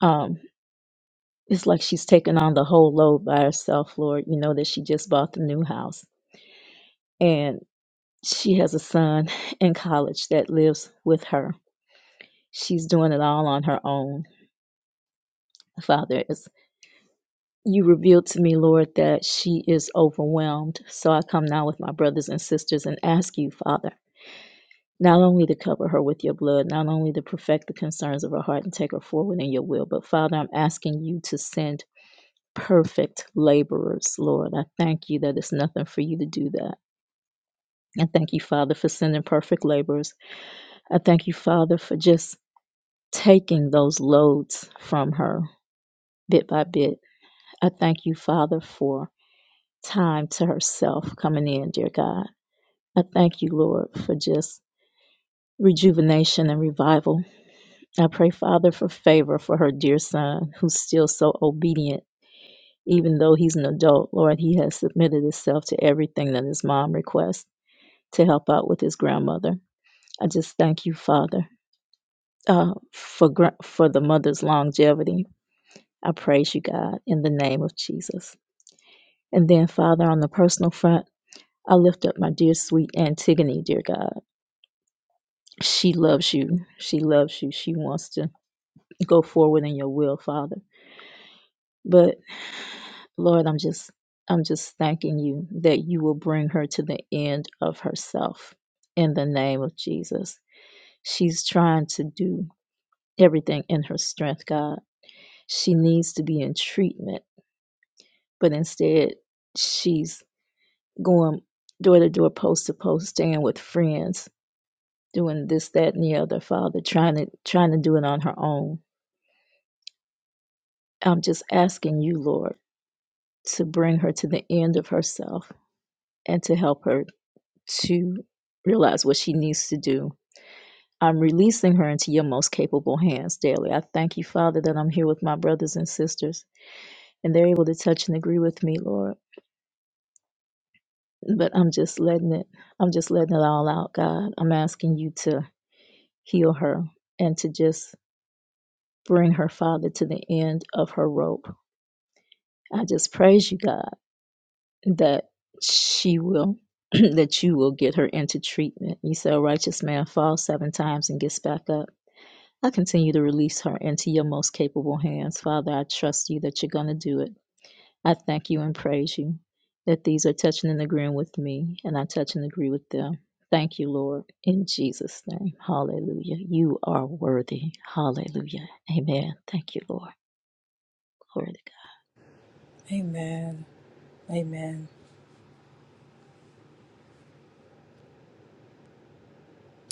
M: Um, it's like she's taking on the whole load by herself, Lord. You know that she just bought the new house and she has a son in college that lives with her. She's doing it all on her own. Father, as you revealed to me, Lord, that she is overwhelmed. So I come now with my brothers and sisters and ask you, Father. not only to cover her with your blood, not only to perfect the concerns of her heart and take her forward in your will, but Father, I'm asking you to send perfect laborers, Lord. I thank you that it's nothing for you to do that. I thank you, Father, for sending perfect laborers. I thank you, Father, for just taking those loads from her bit by bit. I thank you, Father, for time to herself coming in, dear God. I thank you, Lord, for just rejuvenation and revival I pray, Father, for favor for her dear son, who's still so obedient. Even though he's an adult, Lord, he has submitted himself to everything that his mom requests to help out with his grandmother. I just thank you, Father, uh, for gra- for the mother's longevity. I praise you, God, in the name of Jesus. And then, Father, on the personal front, I lift up my dear sweet Antigone, dear God. She loves you. She loves you. She wants to go forward in your will, Father. But Lord, I'm just I'm just thanking you that you will bring her to the end of herself in the name of Jesus. She's trying to do everything in her strength, God. She needs to be in treatment, but instead she's going door to door, post to post, staying with friends, doing this, that, and the other, Father, trying to trying to do it on her own. I'm just asking you, Lord, to bring her to the end of herself and to help her to realize what she needs to do. I'm releasing her into your most capable hands daily. I thank you, Father, that I'm here with my brothers and sisters and they're able to touch and agree with me, Lord. But I'm just letting it, I'm just letting it all out, God. I'm asking you to heal her and to just bring her, Father, to the end of her rope. I just praise you, God, that she will, that you will get her into treatment. You said, a righteous man falls seven times and gets back up. I continue to release her into your most capable hands. Father, I trust you that you're going to do it. I thank you and praise you that these are touching and agreeing with me, and I touch and agree with them. Thank you, Lord, in Jesus' name. Hallelujah. You are worthy. Hallelujah. Amen. Thank you, Lord. Glory to God.
H: Amen. Amen.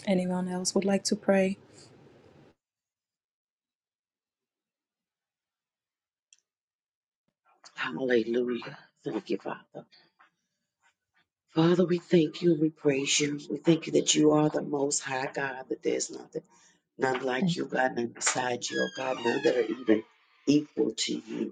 H: Anyone else would like to pray?
B: Hallelujah. Thank you, Father. Father, we thank you and we praise you. We thank you that you are the most high God, that there's nothing, none like
M: Thank
B: you, God, none beside you, oh God, none that are even equal to you.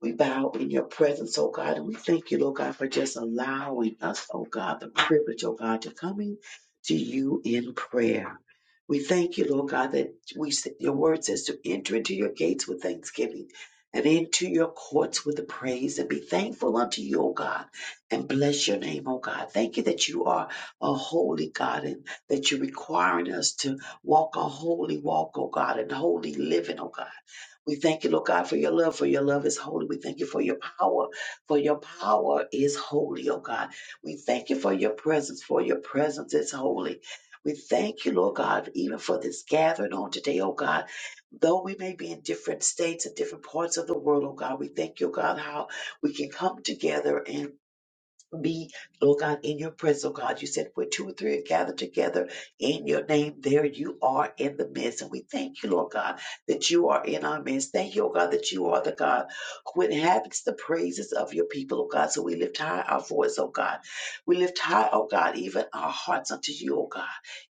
B: We bow in your presence, oh God, and we thank you, Lord God, for just allowing us, oh God, the privilege, oh God, to coming to you in prayer. We thank you, Lord God, that we your word says to enter into your gates with thanksgiving and into your courts with the praise and be thankful unto you, O God, and bless your name, O God. Thank you that you are a holy God and that you're requiring us to walk a holy walk, O God, and holy living, O God. We thank you, Lord God, for your love, for your love is holy. We thank you for your power, for your power is holy, oh God. We thank you for your presence, for your presence is holy. We thank you, Lord God, even for this gathering on today, oh God. Though we may be in different states and different parts of the world, oh God, we thank you, God, how we can come together and be, Lord God, in your presence, oh God. You said where two or three are gathered together in your name, there you are in the midst. And we thank you, Lord God, that you are in our midst. Thank you, oh God, that you are the God who inhabits the praises of your people, oh God. So we lift high our voice, oh God. We lift high, oh God, even our hearts unto you, oh God,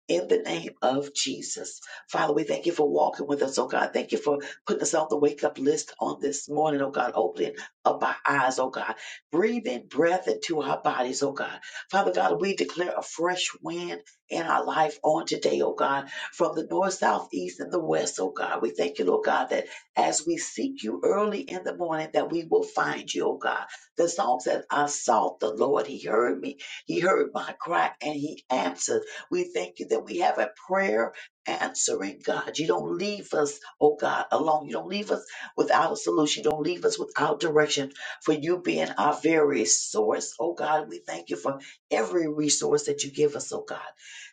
B: in the name of Jesus. Father, we thank you for walking with us, oh God. Thank you for putting us on the wake up list on this morning, oh God, opening up our eyes, oh God breathing breath into our bodies, oh God. Father God, we declare a fresh wind in our life on today, oh God, from the north, south, east, and the west, oh God. We thank you, Lord God, that as we seek you early in the morning, that we will find you, oh God. The song says, I sought the Lord, he heard me, he heard my cry, and he answered. We thank you that we have a prayer answering God. You don't leave us, oh God, alone. You don't leave us without a solution. You don't leave us without direction for you being our very source. Oh God, we thank you for every resource that you give us, oh God.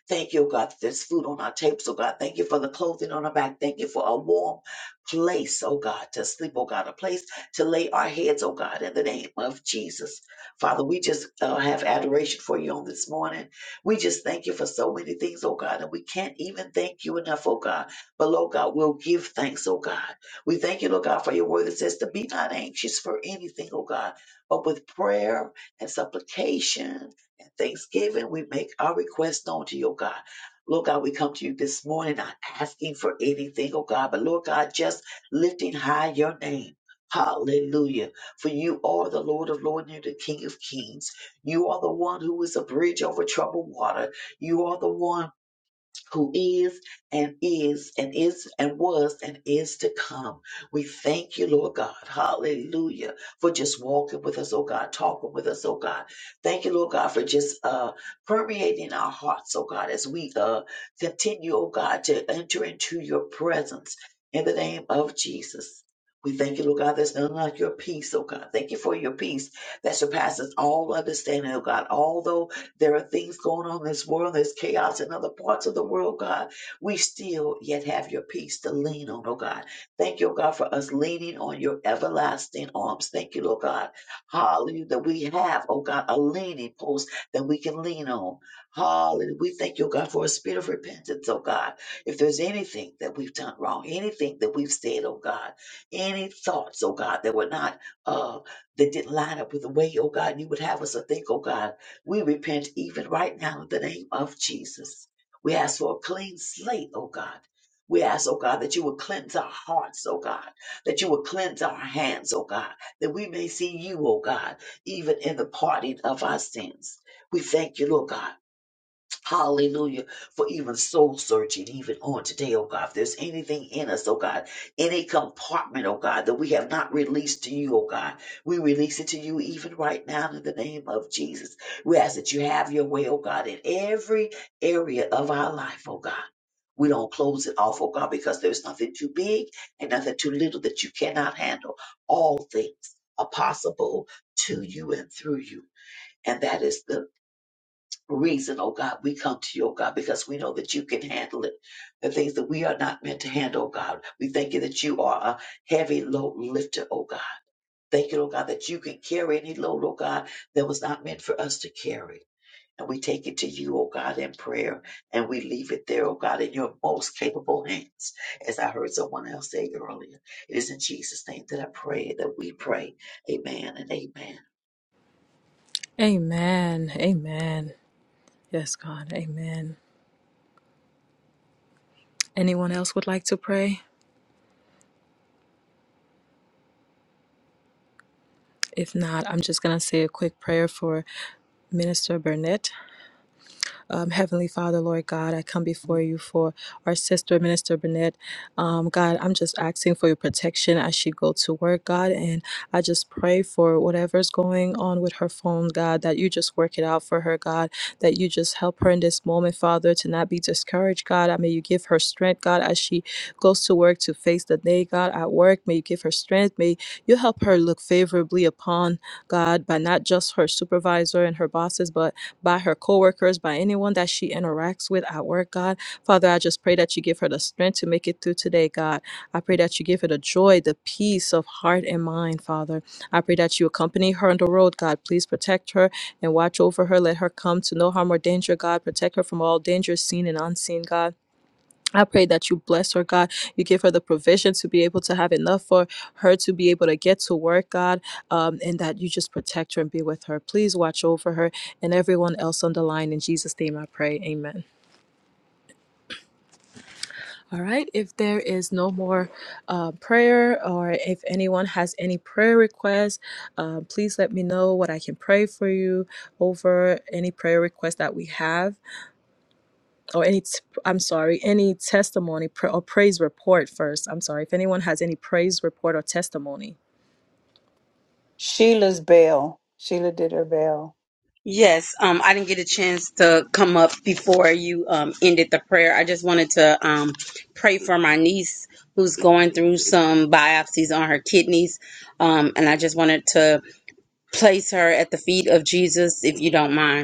B: Thank you, oh God, that there's food on our tables, oh God. Thank you for the clothing on our back. Thank you for a warm place, oh God, to sleep, oh God, a place to lay our heads, oh God, in the name of Jesus. Father, we just uh, have adoration for you on this morning. We just thank you for so many things, oh God, and we can't even thank you enough, oh God. But, Lord God, we'll give thanks, oh God. We thank you, Lord God, for your word that says to be not anxious for anything, oh God, but with prayer and supplication and thanksgiving, we make our request known to you, oh God. Lord God, we come to you this morning not asking for anything, oh God, but Lord God, just lifting high your name. Hallelujah. For you are the Lord of Lords, and you're the King of Kings. You are the one who is a bridge over troubled water. You are the one who is and is and is and was and is to come. We thank you, Lord God. Hallelujah. For just walking with us, oh God, talking with us, oh God. Thank you, Lord God, for just uh permeating our hearts, oh God, as we uh continue, oh God, to enter into your presence in the name of Jesus. We thank you, Lord God, there's none like your peace, oh God. Thank you for your peace that surpasses all understanding, oh God. Although there are things going on in this world. There's chaos in other parts of the world, God. We still yet have your peace to lean on, oh God. Thank you, oh God, for us leaning on your everlasting arms. Thank you, Lord God. Hallelujah. That we have, oh God, a leaning post that we can lean on. Hallelujah. We thank you, oh God, for a spirit of repentance, oh God. If there's anything that we've done wrong, anything that we've said, oh God, any thoughts, oh God, that were not uh that didn't line up with the way, oh God, you would have us to think, oh God. We repent even right now in the name of Jesus. We ask for a clean slate, oh God. We ask, oh God, that you will cleanse our hearts, oh God, that you will cleanse our hands, oh God, that we may see you, oh God, even in the parting of our sins. We thank you, Lord God. Hallelujah. For even soul searching, even on today, oh God. If there's anything in us, oh God, any compartment, oh God, that we have not released to you, oh God, we release it to you even right now in the name of Jesus. We ask that you have your way, oh God, in every area of our life, oh God. We don't close it off, oh God, because there's nothing too big and nothing too little that you cannot handle. All things are possible to you and through you. And that is the reason, oh God, we come to you, oh God, because we know that you can handle it. The things that we are not meant to handle, oh God. We thank you that you are a heavy load lifter, oh God. Thank you, oh God, that you can carry any load, oh God, that was not meant for us to carry. And we take it to you, oh God, in prayer, and we leave it there, oh God, in your most capable hands. As I heard someone else say earlier, it is in Jesus' name that I pray, that we pray. Amen and amen.
H: Amen. Amen. Yes, God. Amen. Anyone else would like to pray? If not, I'm just going to say a quick prayer for Minister Burnett. Um, Heavenly Father, Lord God, I come before you for our sister, Minister Burnett. Um, God, I'm just asking for your protection as she go to work, God, and I just pray for whatever's going on with her phone, God, that you just work it out for her, God, that you just help her in this moment, Father, to not be discouraged, God. I may you give her strength, God, as she goes to work to face the day, God, at work. May you give her strength. May you help her look favorably upon God by not just her supervisor and her bosses, but by her coworkers, by anyone that she interacts with at work, God. Father, I just pray that you give her the strength to make it through today, God. I pray that you give her the joy, the peace of heart and mind, Father. I pray that you accompany her on the road, God. Please protect her and watch over her. Let her come to no harm or danger, God. Protect her from all dangers seen and unseen, God. I pray that you bless her, God. You give her the provision to be able to have enough for her to be able to get to work, God, um, and that you just protect her and be with her. Please watch over her and everyone else on the line. In Jesus' name I pray. Amen. All right. If there is no more uh, prayer or if anyone has any prayer requests, um, please let me know what I can pray for you over any prayer request that we have. or any t- i'm sorry any testimony pra- or praise report first i'm sorry if anyone has any praise report or testimony
C: Sheila's bell. Sheila did her bell.
N: Yes, um, I didn't get a chance to come up before you um, ended the prayer. I just wanted to um, pray for my niece who's going through some biopsies on her kidneys. Um, and I just wanted to place her at the feet of Jesus, if you don't mind.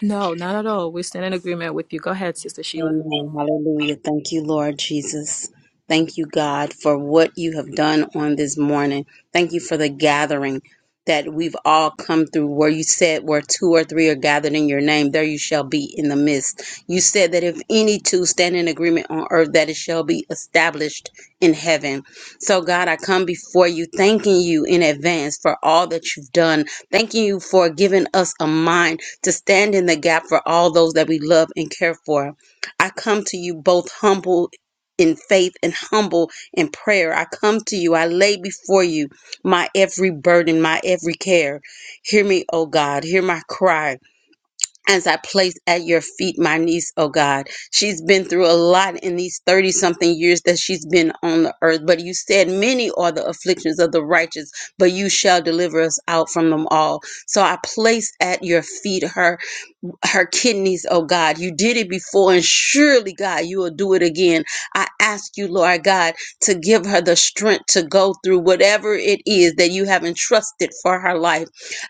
H: No, not at all. We stand in agreement with you. Go ahead, Sister Sheila.
N: Amen. Hallelujah. Thank you, Lord Jesus. Thank you, God, for what you have done on this morning. Thank you for the gathering that we've all come through where you said where two or three are gathered in your name, there you shall be in the midst. You said that if any two stand in agreement on earth, that it shall be established in heaven. So God, I come before you, thanking you in advance for all that you've done. Thanking you for giving us a mind to stand in the gap for all those that we love and care for. I come to you both humble in faith and humble in prayer. I come to you. I lay before you my every burden, my every care. Hear me, O God. Hear my cry as I place at your feet my niece, O God. She's been through a lot in these 30 something years that she's been on the earth. But you said, Many are the afflictions of the righteous, but you shall deliver us out from them all. So I place at your feet her her kidneys, oh God. You did it before, and surely, God, you will do it again. I ask you, Lord God, to give her the strength to go through whatever it is that you have entrusted for her life.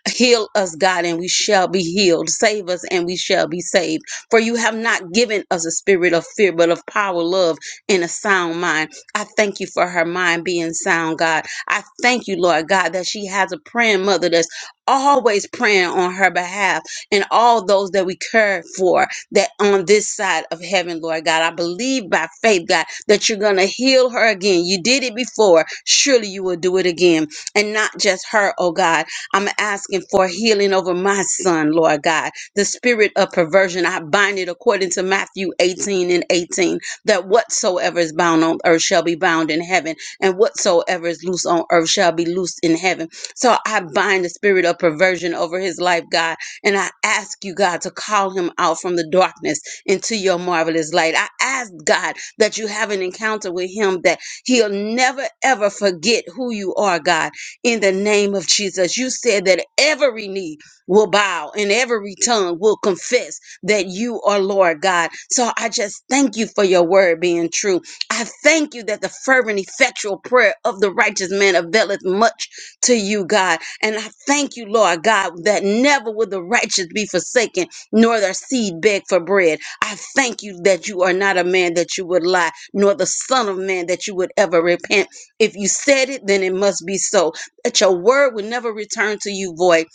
N: Heal us, God, and we shall be healed. Save us, and we shall be saved. For you have not given us a spirit of fear, but of power, love, and a sound mind. I thank you for her mind being sound, God. I thank you, Lord God, that she has a praying mother that's always praying on her behalf and all those that we care for that on this side of heaven, Lord God. I believe by faith, God, that you're going to heal her again. You did it before. Surely you will do it again. And not just her, oh God. I'm asking for healing over my son, Lord God. The spirit of perversion, I bind it according to Matthew 18 and 18, that whatsoever is bound on earth shall be bound in heaven, and whatsoever is loose on earth shall be loosed in heaven. So I bind the spirit of perversion over his life, God and I ask you, God, to call him out from the darkness into your marvelous light. I ask, God, that you have an encounter with him that he'll never, ever forget who you are, God. In the name of Jesus, you said that every knee will bow and every tongue will confess that you are Lord, God. So I just thank you for your word being true. I thank you that the fervent, effectual prayer of the righteous man availeth much to you, God. And I thank you, Lord God, that never will the righteous be forsaken, nor their seed beg for bread. I thank you that you are not a man that you would lie, nor the son of man that you would ever repent. If you said it, then it must be so. That your word would never return to you void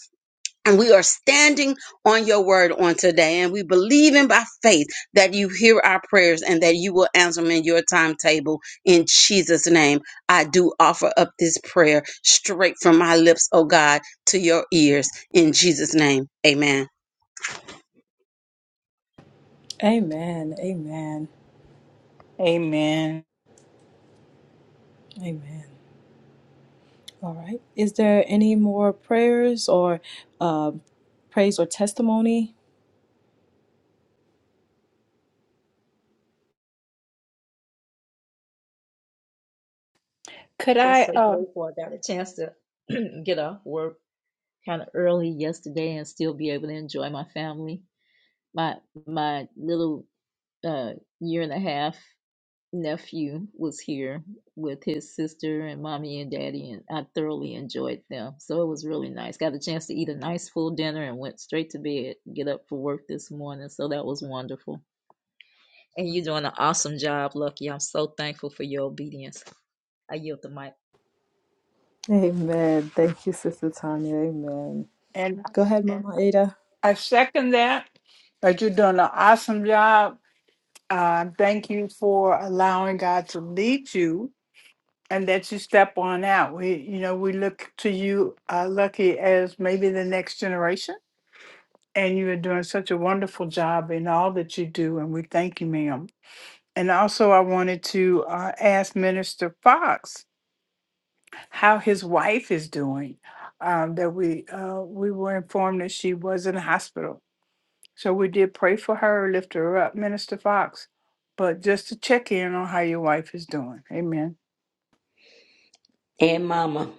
N: and we are standing on your word on today. And we believe in by faith that you hear our prayers and that you will answer them in your timetable. In Jesus' name, I do offer up this prayer straight from my lips, oh God, to your ears. In Jesus' name, amen.
H: Amen. Amen.
C: Amen.
H: Amen. All right. Is there any more prayers or uh, praise or testimony?
C: Could I?
M: Just so
C: Uh,
M: grateful I got a chance to get off work kind of early yesterday and still be able to enjoy my family. My my little uh, year and a half nephew was here with his sister and mommy and daddy, and I thoroughly enjoyed them. So it was really nice. Got a chance to eat a nice full dinner and went straight to bed. Get up for work this morning, so that was wonderful. And you're doing an awesome job, Lucky. I'm so thankful for your obedience. I yield the mic.
H: amen thank you sister tanya amen
C: And
H: go ahead mama ada
C: I second that. But you're doing an awesome job. Uh, thank you for allowing God to lead you and that you step on out. We, you know, we look to you, uh, Lucky, as maybe the next generation. And you are doing such a wonderful job in all that you do. And we thank you, ma'am. And also, I wanted to uh, ask Minister Fox how his wife is doing. Um, that we uh, we were informed that she was in the hospital, so we did pray for her, lift her up, Minister Fox. But just to check in on how your wife is doing. Amen.
J: And Mama,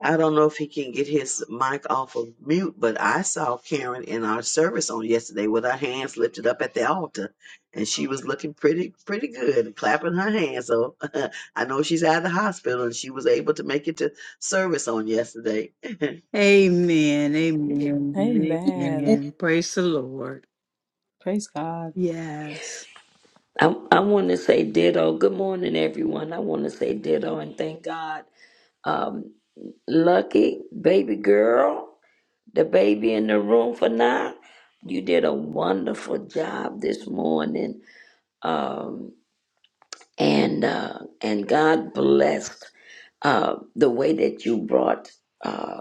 B: I don't know if he can get his mic off of mute, but I saw Karen in our service on yesterday with her hands lifted up at the altar, and she was looking pretty, pretty good, and clapping her hands. So I know she's out of the hospital, and she was able to make it to service on yesterday.
C: Amen. Amen.
H: Amen.
A: Amen.
C: Amen. Praise the Lord.
H: Praise God.
C: Yes.
J: I, I want to say ditto. Good morning, everyone. I want to say ditto and thank God. Um, lucky baby girl, the baby in the room for now. You did a wonderful job this morning. Um, and uh, and God blessed uh, the way that you brought. uh,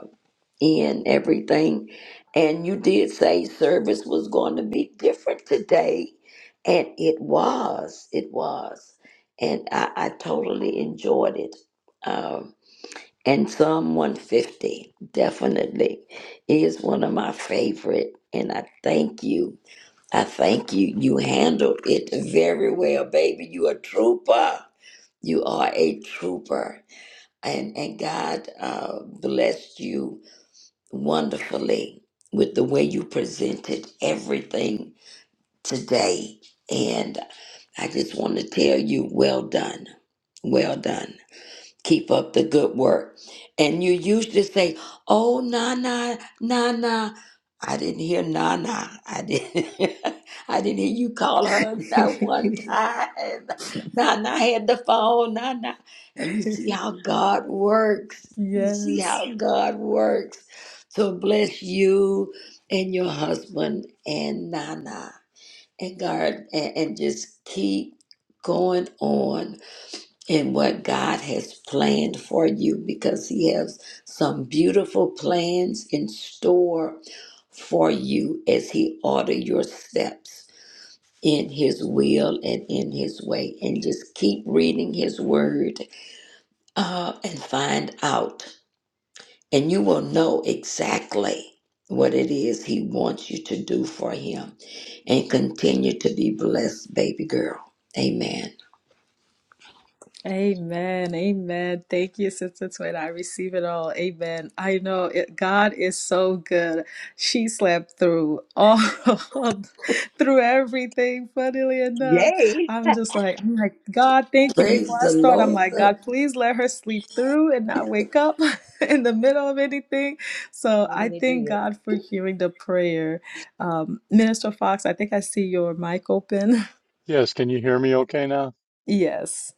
J: in everything. And you did say service was going to be different today. And it was. It was. And I, I totally enjoyed it. Um, and Psalm 150 definitely is one of my favorite. And I thank you. I thank you. You handled it very well, baby. You a trooper. You are a trooper. And, and God uh, blessed you wonderfully with the way you presented everything today. And I just want to tell you, well done. Well done keep up the good work. And you used to say, oh, nah, nah, nah, nah. I didn't hear nah, nah. I didn't, I didn't hear you call her that one time. Nah, nah had the phone, nah, nah. And you see how God works. You see
H: yes
J: how God works. So bless you and your husband and Nana and God and, and just keep going on in what God has planned for you because He has some beautiful plans in store for you as He order your steps in His will and in His way. And just keep reading His Word uh, and find out, and you will know exactly what it is He wants you to do for Him. And continue to be blessed, baby girl. Amen.
H: Amen. Amen. Thank you, Sister Twin. I receive it all. Amen. I know it, God is so good. She slept through all through everything, funnily enough.
B: Yay!
H: I'm just like, I'm like, God, thank you.
J: Praise
H: Before I
J: the
H: start, I'm
J: Lord.
H: like, God, please let her sleep through and not wake up in the middle of anything. So I
M: Won't he
H: thank
M: do it?
H: God for hearing the prayer. Um, Minister Fox, I think I see your mic open.
O: Yes, can you hear me okay now?
H: Yes.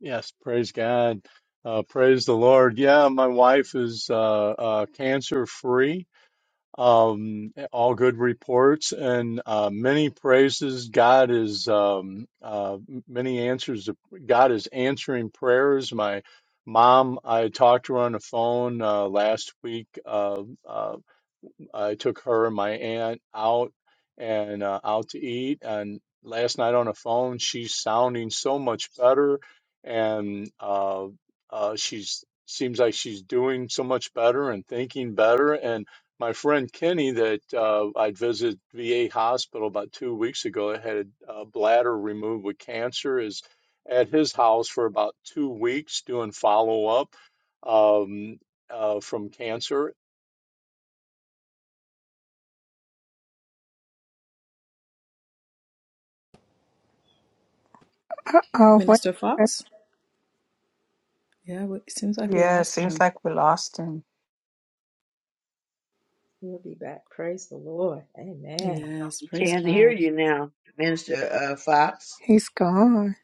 O: Yes, praise God. Uh, praise the Lord. Yeah, my wife is uh, uh, cancer free. Um, all good reports and uh, many praises. God is um, uh, many answers. God is answering prayers. My mom, I talked to her on the phone uh, last week. Uh, uh, I took her and my aunt out and uh, out to eat. And last night on the phone, she's sounding so much better, and uh, uh, she's seems like she's doing so much better and thinking better. And my friend Kenny, that uh, I'd visit VA hospital about two weeks ago, that had a bladder removed with cancer, is at his house for about two weeks doing follow up um, uh, from cancer
A: Uh oh, wait.
H: Minister Fox? Yeah, we- it seems like we
C: Yeah, it
H: lost
C: seems
H: him.
C: like we lost him.
M: He'll be back. Praise the Lord. Amen.
H: Yes,
B: We
H: praise
B: can't hear
H: God.
B: you now, Minister uh, Fox.
A: He's gone.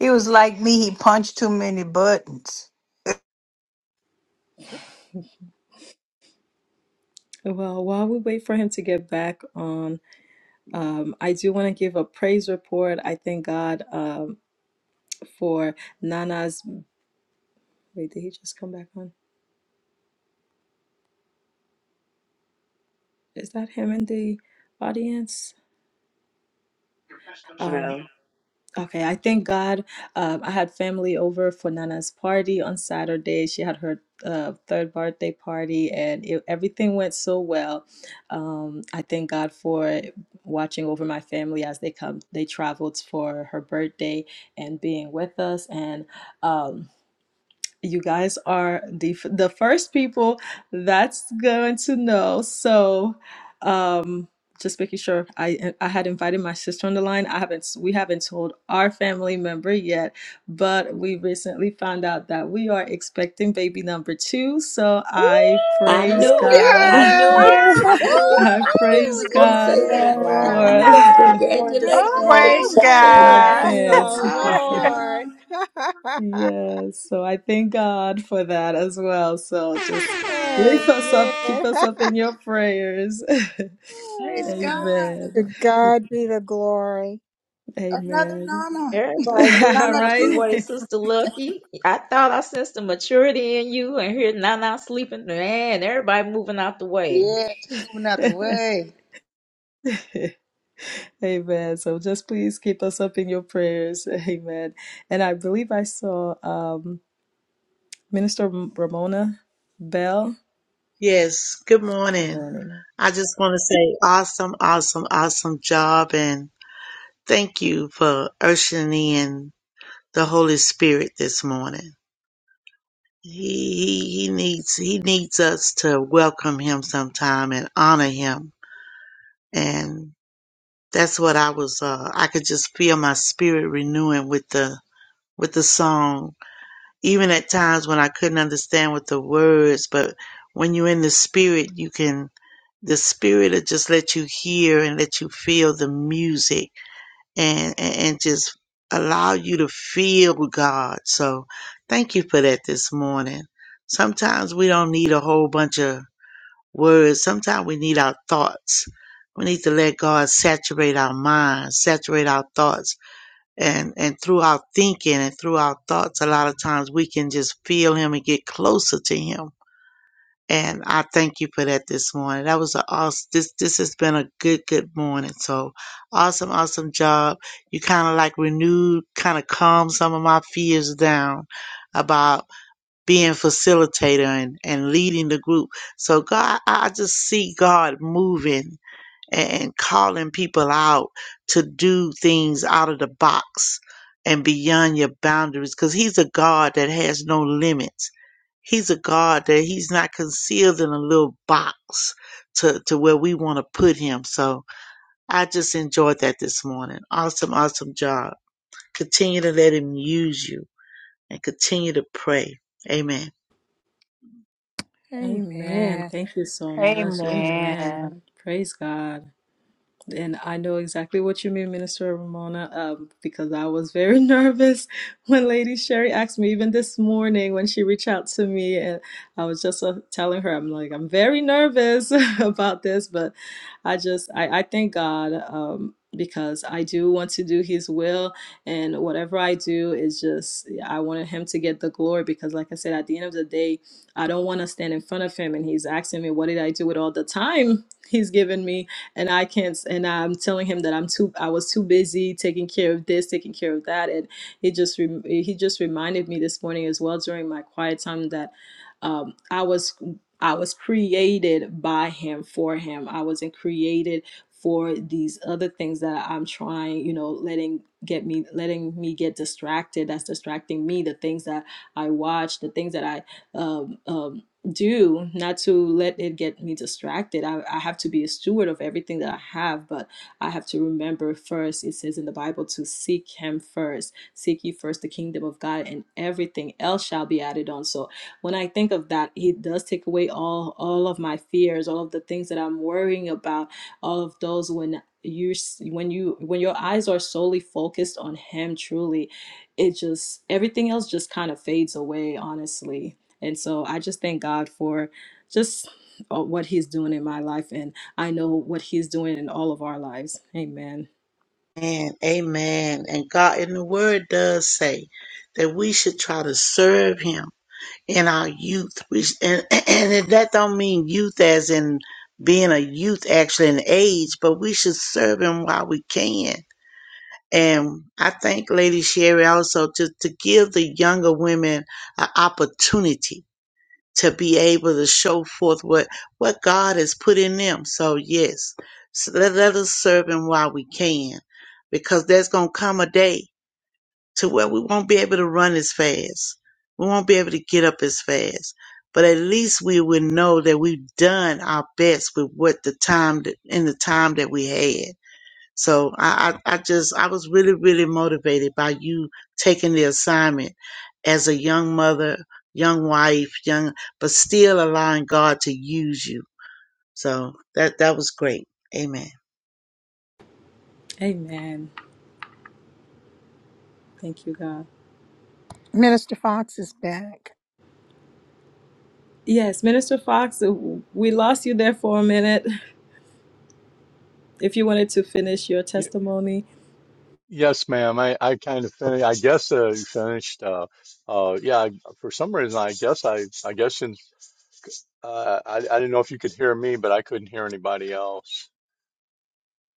C: He was like me, he punched too many buttons.
H: Well, while we wait for him to get back on, um, I do want to give a praise report. I thank God um, for Nana's. Wait, did he just come back on? Is that him in the audience? Um,
B: No.
H: Okay, I thank God. Um, I had family over for Nana's party on Saturday. She had her uh, third birthday party, and it, everything went so well. Um, I thank God for watching over my family as they come. They traveled for her birthday and being with us, and um, you guys are the f- the first people that's going to know. So, um, just making sure I I had invited my sister on the line. I haven't we haven't told our family member yet, but we recently found out that we are expecting baby number two. So
B: Ooh!
H: I
J: I
H: praise
M: Woo,
J: knew it.
H: God.
J: I knew
M: woo.
J: it.
A: Yeah.
J: I
B: Ah!
J: knew it.
H: I
J: I knew you
H: praise
J: was
D: Woohoo!
C: Woo-hoo,
J: gonna
H: God
J: say
D: Yay!
J: that.
A: Yeah, I
H: for
A: knew
M: wow.
A: that's what
C: Yay!
A: you were going to
J: Congratulations for
A: say.
B: Oh!
C: Praise
J: you,
H: in
C: God.
D: Congratulations!
J: Terry.
H: advance.
A: Lord,
D: Awesome!
H: Yes, so I thank God for that as well. So just lift us
A: Amen.
H: up, keep us up in your prayers.
D: Praise God.
A: To
H: Amen.
A: God be the glory.
D: Another
H: Amen.
D: Nana.
M: Everybody moving
H: All
D: Nana
M: out the
H: right.
D: too.
M: way, Sister Lucky. I thought I sensed the maturity in you, and here now, now sleeping. Man, everybody moving out the way.
D: Yeah, she moving out the way.
H: Amen. So just please keep us up in your prayers. Amen. And I believe I saw um, Minister Ramona Bell.
P: Yes, good
H: Good
P: morning.
H: morning.
P: I just want to say awesome, awesome, awesome job and thank you for ushering in the Holy Spirit this morning. He he, he needs he needs us to welcome him sometime and honor him. And that's what I was uh I could just feel my spirit renewing with the with the song even at times when I couldn't understand with the words, but when you're in the spirit, you can, the spirit will just let you hear and let you feel the music and, and, and just allow you to feel God. So thank you for that this morning. Sometimes we don't need a whole bunch of words. Sometimes we need our thoughts. We need to let God saturate our minds, saturate our thoughts and and through our thinking and through our thoughts a lot of times we can just feel him and get closer to him and i thank you for that this morning that was a awesome this this has been a good good morning so awesome awesome job you kind of like renewed kind of calmed some of my fears down about being facilitator and, and leading the group so god i I just see god moving and, calling people out to do things out of the box and beyond your boundaries because he's a God that has no limits. He's a God that he's not concealed in a little box to, to where we want to put him. So I just enjoyed that this morning. Awesome, awesome job. Continue to let him use you and continue to pray. Amen.
H: Amen.
A: Amen.
H: Thank you so much. Amen.
C: Amen.
H: Praise God. And I know exactly what you mean, Minister Ramona, um, because I was very nervous when Lady Sherry asked me, even this morning when she reached out to me. And I was just uh, telling her, I'm like, I'm very nervous about this, but I just, I, I thank God um, because I do want to do His will. And whatever I do is just, I wanted Him to get the glory because, like I said, at the end of the day, I don't want to stand in front of Him and He's asking me, What did I do with all the time He's given me? and I can't and I'm telling him that I'm too I was too busy taking care of this, taking care of that and he just rem he just reminded me this morning as well during my quiet time that um, I was I was created by him for him. I wasn't created for these other things that I'm trying, you know, letting get me letting me get distracted that's distracting me the things that i watch the things that i um, um, do not to let it get me distracted. I, I have to be a steward of everything that I have, but I have to remember first, it says in the Bible, to seek Him first. Seek ye first the kingdom of God, and everything else shall be added on. So when I think of that, it does take away all, all of my fears, all of the things that I'm worrying about, all of those when you when you when your eyes are solely focused on him truly it just everything else just kind of fades away honestly and so I just thank God for just uh, what He's doing in my life. And I know what He's doing in all of our lives. Amen.
P: And amen. And God in the word does say that we should try to serve him in our youth. We, and, and that don't mean youth as in being a youth actually an age, but we should serve him while we can. And I thank Lady Sherry also to, to give the younger women an opportunity to be able to show forth what, what God has put in them. So yes, so let, let us serve him while we can, because there's going to come a day to where we won't be able to run as fast. We won't be able to get up as fast, but at least we will know that we've done our best with what the time that, in the time that we had so I, I, I just, I was really, really motivated by you taking the assignment as a young mother, young wife, young, but still allowing God to use you. So that, that was great. Amen.
H: Amen. Thank you, God.
A: Minister Fox is back.
H: Yes, Minister Fox, we lost you there for a minute. If you wanted to finish your testimony,
O: Yes, ma'am. I, I kind of finished. I guess uh, you finished. Uh, uh, yeah. I- For some reason, I guess I. I guess in, uh, I. I didn't know if you could hear me, but I couldn't hear anybody else.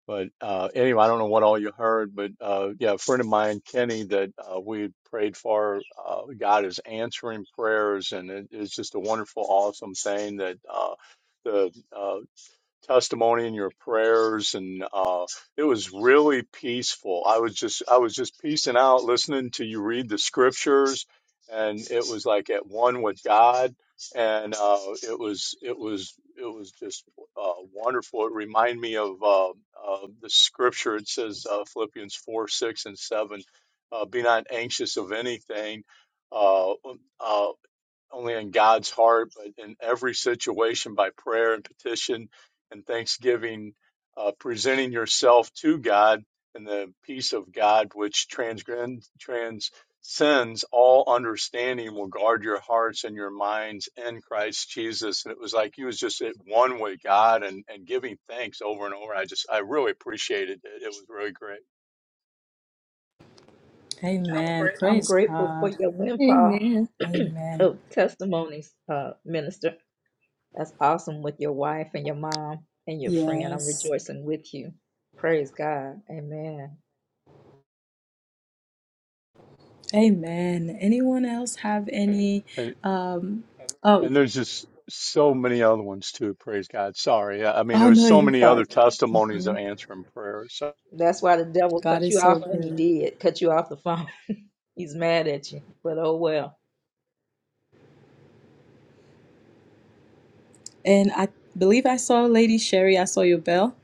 O: But uh, anyway, I don't know what all you heard, but uh, yeah, a friend of mine, Kenny, that uh, we prayed for. Uh, God is answering prayers, and it's just a wonderful, awesome thing that uh, the. uh, testimony and your prayers and uh it was really peaceful i was just i was just peacing out listening to you read the scriptures and it was like at one with god and uh it was it was it was just uh wonderful it reminded me of uh, uh the scripture it says uh, philippians 4 6 and 7 uh be not anxious of anything uh, um, uh only in God's heart, but in every situation by prayer and petition and thanksgiving, uh, presenting yourself to God in the peace of God, which transcends, transcends all understanding, will guard your hearts and your minds in Christ Jesus. And it was like he was just at one with God and, and giving thanks over and over. I just, I really appreciated it. It was really great.
H: amen.
M: I'm
H: Praise
M: grateful for
H: God.
M: your windfall
A: Amen.
H: Amen.
M: of testimonies, uh, Minister. That's awesome with your wife and your mom and your friend. I'm
H: Yes.
M: rejoicing with you. Praise God. Amen.
H: Amen. Anyone else have any? Um, oh,
O: And there's just so many other ones too. Praise God. Sorry. I I mean,
H: oh
O: there was
H: no,
O: so
H: you're
O: many
H: fine.
O: other testimonies of
H: Mhm.
O: answering prayer. So
M: That's why the devil
H: God
M: cut you
H: is so
M: off when he
H: good.
M: did, cut you off the phone. He's mad at you, but oh well.
H: And I believe I saw Lady Sherry, I saw your bell.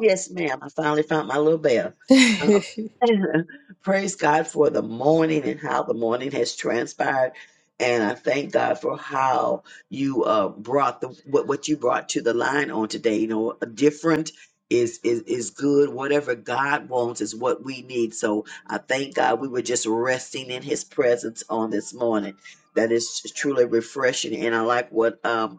B: Yes, ma'am. I finally found my little bell. Um, praise God for the morning and how the morning has transpired. And I thank God for how you uh, brought the what, what you brought to the line on today. You know, different is, is is good. Whatever God wants is what we need. So I thank God we were just resting in His presence on this morning. That is truly refreshing. And I like what um,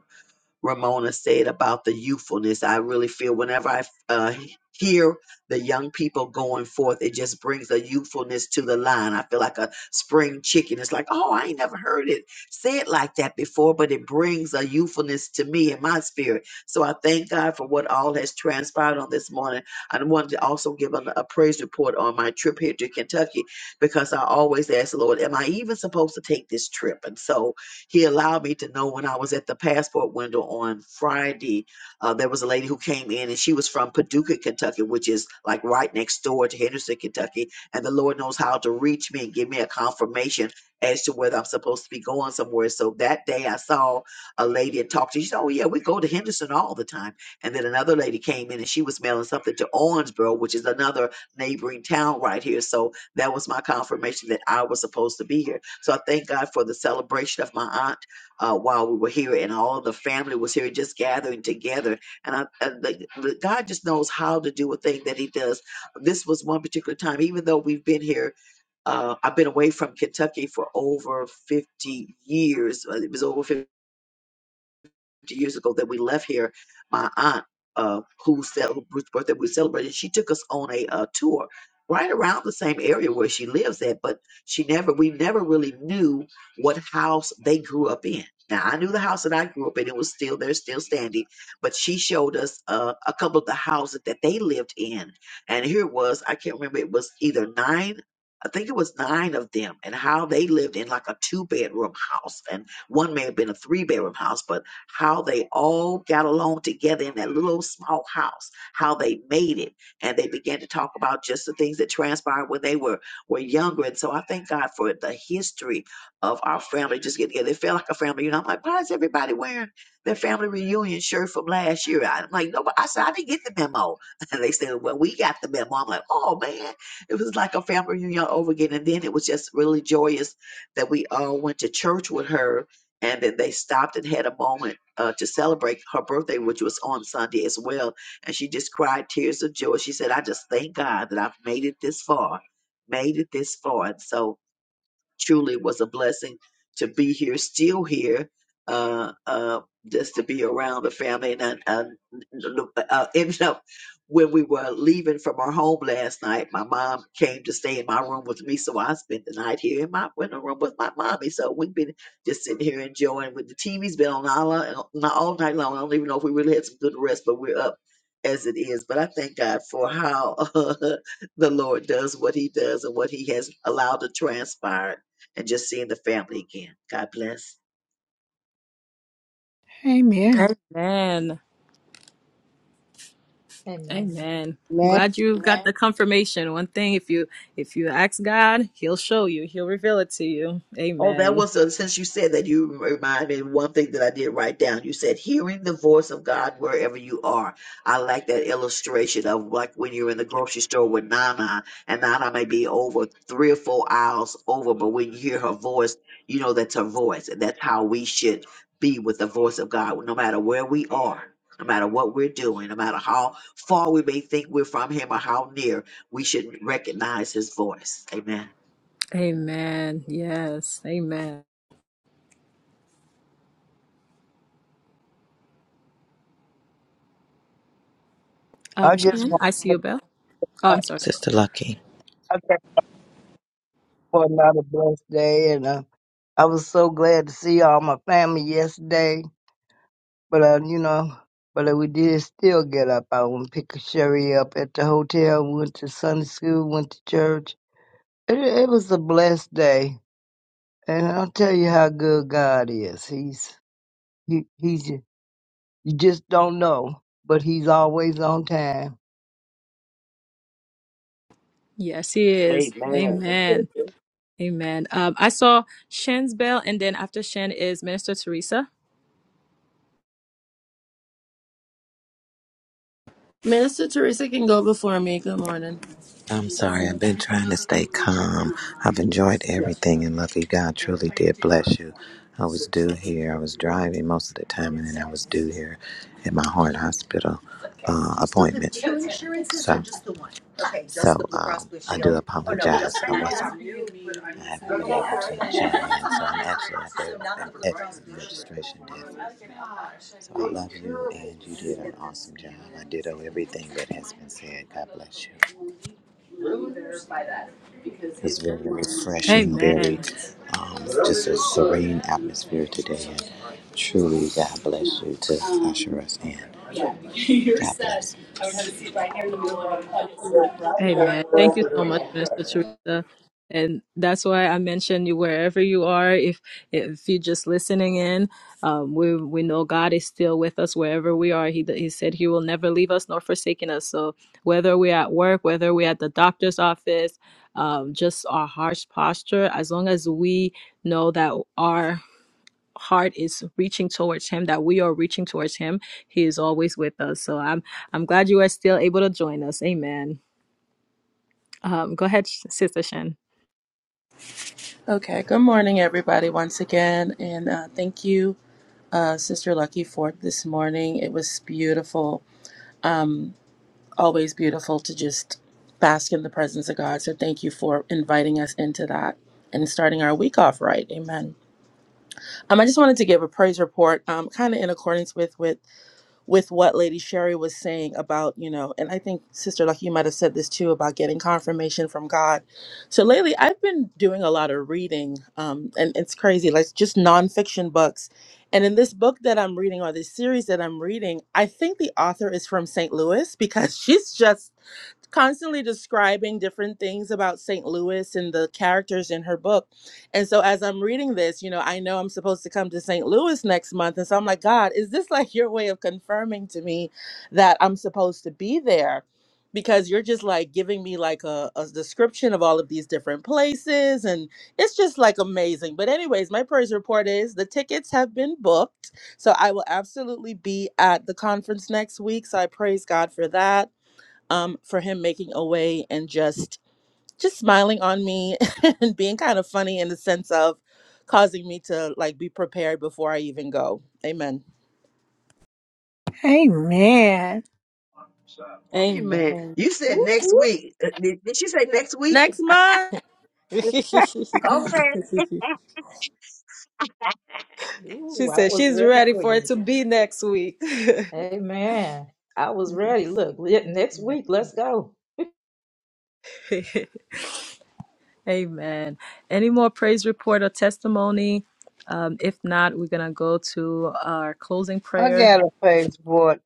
B: Ramona said about the youthfulness. I really feel whenever I uh, hear the young people going forth, it just brings a youthfulness to the line. I feel like a spring chicken. It's like, oh, I ain't never heard it said like that before, but it brings a youthfulness to me in my spirit. So I thank God for what all has transpired on this morning. I wanted to also give an, a praise report on my trip here to Kentucky because I always ask the Lord, am I even supposed to take this trip? And so he allowed me to know when I was at the passport window on Friday. Uh, there was a lady who came in and she was from Paducah, Kentucky, which is like right next door to Henderson, Kentucky. And the Lord knows how to reach me and give me a confirmation as to whether I'm supposed to be going somewhere. So that day I saw a lady and talked to her. She said, Oh, yeah, we go to Henderson all the time. And then another lady came in and she was mailing something to Owensboro, which is another neighboring town right here. So that was my confirmation that I was supposed to be here. So I thank God for the celebration of my aunt uh, while we were here, and all the family was here, just gathering together. And I, uh, the, the, God just knows how to do a thing that He does. This was one particular time, even though we've been here. Uh, I've been away from Kentucky for over 50 years. uh, It was over 50 years ago that we left here, my aunt, uh, who cel- whose birthday we celebrated, she took us on a uh, tour right around the same area where she lives at, but she never, we never really knew what house they grew up in. Now I knew the house that I grew up in; it was still there, still standing. But she showed us uh, a couple of the houses that they lived in, and here it was. I can't remember; it was either nine. I think it was nine of them, and how they lived in like a two bedroom house, and one may have been a three bedroom house, but how they all got along together in that little small house, how they made it. And they began to talk about just the things that transpired when they were, were younger. And so I thank God for the history of our family just getting together. It felt like a family. You know, I'm like, why is everybody wearing their family reunion shirt from last year? I'm like, no, but I said, I didn't get the memo. And they said, well, we got the memo. I'm like, oh, man. It was like a family reunion all over again. And then it was just really joyous that we all went to church with her and then they stopped and had a moment uh, to celebrate her birthday, which was on Sunday as well. And she just cried tears of joy. She said, "I just thank God that I've made it this far, made it this far." And so Truly was a blessing to be here, still here, uh, uh, just to be around the family. And I, I, uh ended up when we were leaving from our home last night, my mom came to stay in my room with me. So I spent the night here in my in the room with my mommy. So we've been just sitting here enjoying with the TV's been on all, uh, not all night long. I don't even know if we really had some good rest, but we're up as it is. But I thank God for how the Lord does what he does and what he has allowed to transpire and just seeing the family again. God bless.
A: Amen.
H: Amen.
M: Amen.
H: Amen. I'm
E: Man,
H: glad you got the confirmation. One thing if you if you ask God, he'll show you. He'll reveal it to you.
B: Oh, that
H: Amen.
B: was uh since you said that you remind me of one thing that I did write down. You said hearing the voice of God wherever you are. I like that illustration of like when you're in the grocery store with Nana, and Nana may be over three or four aisles over, but when you hear her voice, you know that's her voice, and that's how we should be with the voice of God, no matter where we are. No matter what we're doing, no matter how far we may think we're from Him or how near, we should recognize His voice. Amen.
H: Amen. Yes. Amen.
E: I
H: Um
E: just
H: Shan,
E: want
H: I see your bell. Oh,
E: to.
H: I'm sorry.
F: Sister Lucky,
E: I thank you for another blessed day, and uh, I was so glad to see all my family yesterday. But uh, you know, but uh, we did still get up. I went and pick Sherry up at the hotel. Went to Sunday school. Went to church. It, it was a blessed day, and I'll tell you how good God is. He's he he's you just don't know, but he's always on time.
H: Yes, he is.
B: Amen.
H: Amen. Amen. Um, I saw Shen's bell, and then after Shen is Minister Teresa.
G: Minister Teresa can go before me. Good morning.
F: I'm sorry. I've been trying to stay calm. I've enjoyed everything, and lucky God truly did bless you. I was due here. I was driving most of the time, and then I was due here at my heart hospital uh, appointment. So, so um, I do apologize. I wasn't I haven't been able to achieve it so I'm actually at the i registration desk. So I love you, and you did an awesome job. I ditto everything that has been said. God bless you. It's very refreshing,
H: Amen.
F: very um, just a serene atmosphere today, and truly, God bless you to usher us in. God bless.
H: Amen. Thank you so much, Minister Teresa. And that's why I mentioned you wherever you are. If if you're just listening in, um, we we know God is still with us wherever we are. He he said He will never leave us nor forsaken us. So whether we're at work, whether we're at the doctor's office, um, just our heart's posture, as long as we know that our heart is reaching towards Him, that we are reaching towards Him, He is always with us. So I'm I'm glad you are still able to join us. Amen. Um, go ahead, Sister Shin.
G: Okay, good morning, everybody, once again. And uh, thank you, uh, Sister Lucky, for this morning. It was beautiful, always beautiful to just bask in the presence of God. So thank you for inviting us into that and starting our week off right. Amen. Um, I just wanted to give a praise report, um, kind of in accordance with, with with what Lady Sherry was saying about, you know, and I think Sister Lucky, you might have said this too about getting confirmation from God. So lately, I've been doing a lot of reading, um, and it's crazy, like just nonfiction books. And in this book that I'm reading, or this series that I'm reading, I think the author is from St. Louis because she's just constantly describing different things about St. Louis and the characters in her book. And so as I'm reading this, you know, I know I'm supposed to come to St. Louis next month. And so I'm like, God, is this like your way of confirming to me that I'm supposed to be there? Because you're just like giving me like a, a description of all of these different places. And it's just like amazing. But, anyways, my praise report is the tickets have been booked. So I will absolutely be at the conference next week. So I praise God for that um, for him making a way and just just smiling on me and being kind of funny in the sense of causing me to like be prepared before I even go. Amen.
A: Amen.
B: Amen.
H: Amen.
B: You said
M: Whoop,
B: next
M: whoop.
B: week. Uh, Did, did she say next week?
G: Next month.
H: she
B: Okay.
M: Ooh, I
H: said
M: was
H: she's
M: ready
H: ready
M: for
H: for
M: you.
H: it to be next week.
M: Amen. I was ready. Look, le- next week, let's go.
H: Amen. Any more praise report or testimony? Um, if not, we're gonna go to our closing
E: I
H: prayer.
E: got a passport.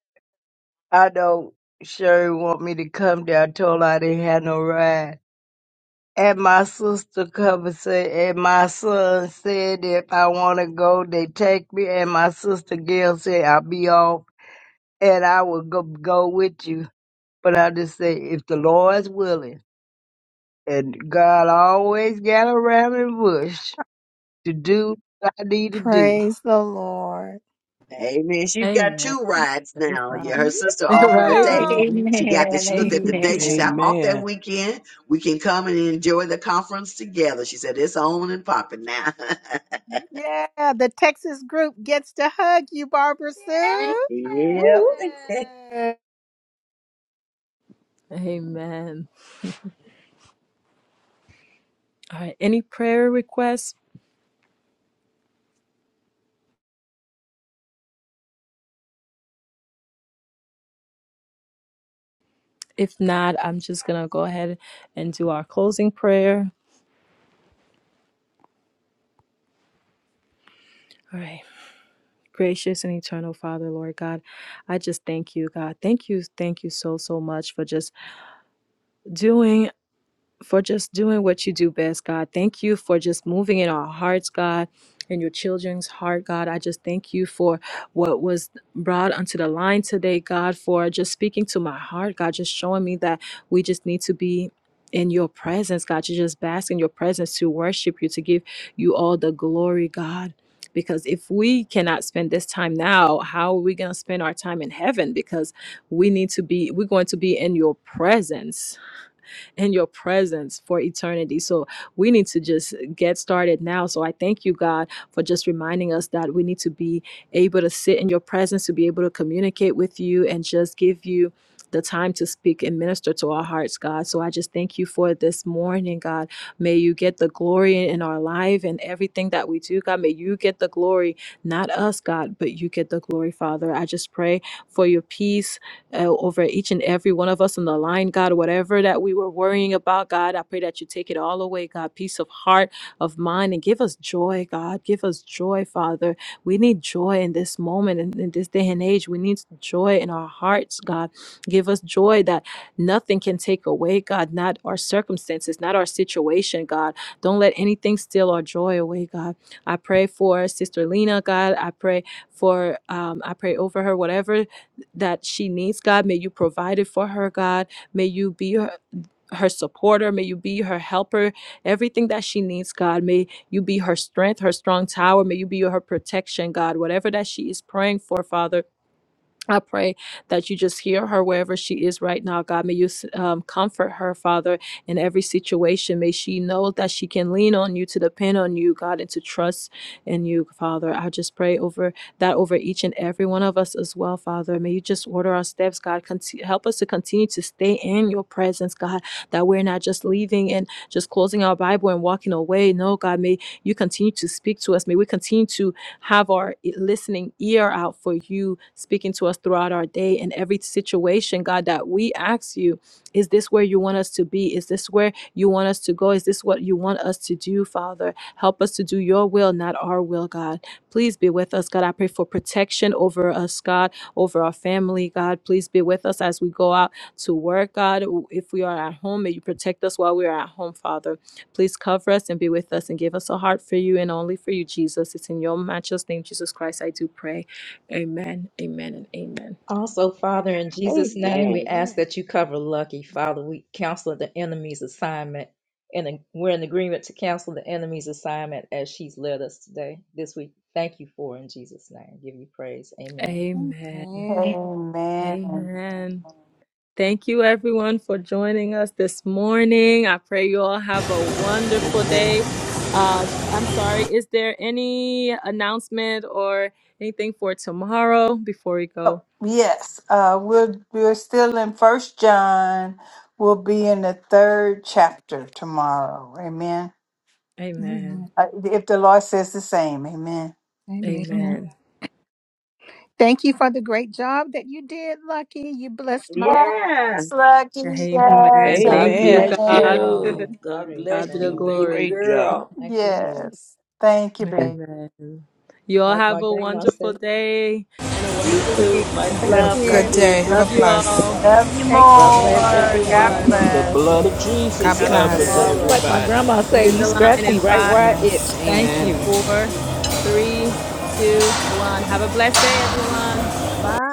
E: I know Sherry want me to come there. I told her I didn't have no ride. And my sister come and say, and my son said, if I want to go, they take me. And my sister Gail said, I'll be off and I will go, go with you. But I just say, if the Lord's willing, and God always got around and bush to do what I need to do.
A: Praise the Lord.
B: Amen. She's got
H: Amen.
B: two rides
H: Praise
B: now. Yeah,
H: God.
B: her sister offered to
H: right?
B: take.
A: Yeah.
I: Mhm.
B: She got this.
C: Amen.
B: She looked at the date. She said,
C: Amen.
B: "I'm off that
I: Amen.
B: weekend. We can come and enjoy the conference together." She said, "It's on and popping now."
A: Yeah. The Texas group gets to hug you, Barbara Sue.
M: Woo
B: yep.
M: woo.
C: Yeah.
H: Amen. All right. Any prayer requests? If not, I'm just gonna go ahead and do our closing prayer. All right. Gracious and eternal Father, Lord God, I just thank you, God. Thank you, thank you so, so much for just doing for just doing what you do best, God. Thank you for just moving in our hearts, God, in your children's heart, God. I just thank you for what was brought onto the line today, God, for just speaking to my heart, God, just showing me that we just need to be in your presence, God, to just bask in your presence, to worship you, to give you all the glory, God. Because if we cannot spend this time now, how are we going to spend our time in heaven? Because we need to be, we're going to be in your presence in your presence for eternity. So we need to just get started now. So I thank you, God, for just reminding us that we need to be able to sit in your presence, to be able to communicate with you, and just give you the time to speak and minister to our hearts, God. So I just thank you for this morning, God. May you get the glory in our life and everything that we do, God. May you get the glory, not us, God, but you get the glory, Father. I just pray for your peace uh, over each and every one of us on the line, God. Whatever that we were worrying about, God, I pray that you take it all away, God. Peace of heart, of mind, and give us joy, God. Give us joy, Father. We need joy in this moment, in, in this day and age. We need joy in our hearts, God. Give us joy that nothing can take away, God. Not our circumstances, not our situation, God. Don't let anything steal our joy away, God. I pray for Sister Lena, God. I pray for um, I pray over her, whatever that she needs, God. May you provide it for her, God. May you be her, her supporter. May you be her helper. Everything that she needs, God. May you be her strength, her strong tower. May you be her protection, God. Whatever that she is praying for, Father. I pray that you just hear her wherever she is right now. God, may you um, comfort her, Father, in every situation. May she know that she can lean on you, to depend on you, God, and to trust in you, Father. I just pray over that over each and every one of us as well, Father. May you just order our steps, God. Conti- help us to continue to stay in your presence, God, that we're not just leaving and just closing our Bible and walking away. No, God, may you continue to speak to us. May we continue to have our e- listening ear out for you speaking to us throughout our day in every situation, God, that we ask you, is this where you want us to be? Is this where you want us to go? Is this what you want us to do, Father? Help us to do your will, not our will, God. Please be with us, God. I pray for protection over us, God, over our family, God. Please be with us as we go out to work, God. If we are at home, may you protect us while we are at home, Father. Please cover us and be with us and give us a heart for you and only for you, Jesus. It's in your matchless name, Jesus Christ, I do pray. Amen, amen, and amen.
M: Also, Father, in Jesus' name, we
B: Amen.
M: ask
A: Yeah.
M: that you cover Lucky. Father, we counsel the enemy's assignment, and we're in agreement to counsel the enemy's assignment as she's led us today, this week. Thank you for it in Jesus' name. Give you praise. Amen.
H: Amen.
A: Amen.
C: Amen.
H: Amen. Thank you, everyone, for joining us this morning. I pray you all have a wonderful day. Uh, I'm sorry, is there any announcement or anything for tomorrow before we
C: Oh,
H: go?
C: yes, uh, we're we're still in First John. We'll be in the third chapter tomorrow. Amen.
H: Amen.
A: Amen.
C: Uh, if the Lord says the same, Amen.
A: Amen.
H: Amen.
A: Thank you for the great job that you did, Lucky. You blessed my heart.
B: Yeah.
C: Yes, lucky.
H: Amen.
C: Yes,
M: Amen.
H: Thank
J: God
H: you,
I: Amen.
J: bless
H: God.
C: Amen.
M: Amen.
J: you. God
M: Praise
H: God
J: bless
H: be the
J: you,
M: God.
J: baby
H: glory.
I: Great job.
J: girl.
M: Thank you, Lord.
C: Yes. Thank you, babe.
H: Amen. You all
M: Like my
H: have a
M: grandma
H: wonderful
M: said,
H: day and a
J: You
H: wonderful
J: too.
M: love
H: week.
J: Much
A: Thank
J: love,
L: Good
A: you.
L: day.
J: Lucky.
L: Have a
H: Love you
L: blessed.
H: all.
C: Love you
A: Thank you.
J: God
M: you
J: bless
M: guys.
C: more.
M: Have a
C: God
H: Love
J: everyone.
H: you
M: wonderful,
H: all.
I: The
C: bless.
M: blessed
I: blood of
M: day.
J: See
I: Jesus
H: God
J: y'all
I: covers
H: bless.
M: Lucky,
J: tomorrow.
M: like my
I: everybody.
M: grandma
H: And
M: say,
H: in
M: you
H: the line
M: scratch
H: in
M: me right
H: five.
M: where I itch.
L: Yes,
M: Thank
L: amen.
M: you.
H: four, three, two, one. Have a blessed day, everyone.
A: Bye.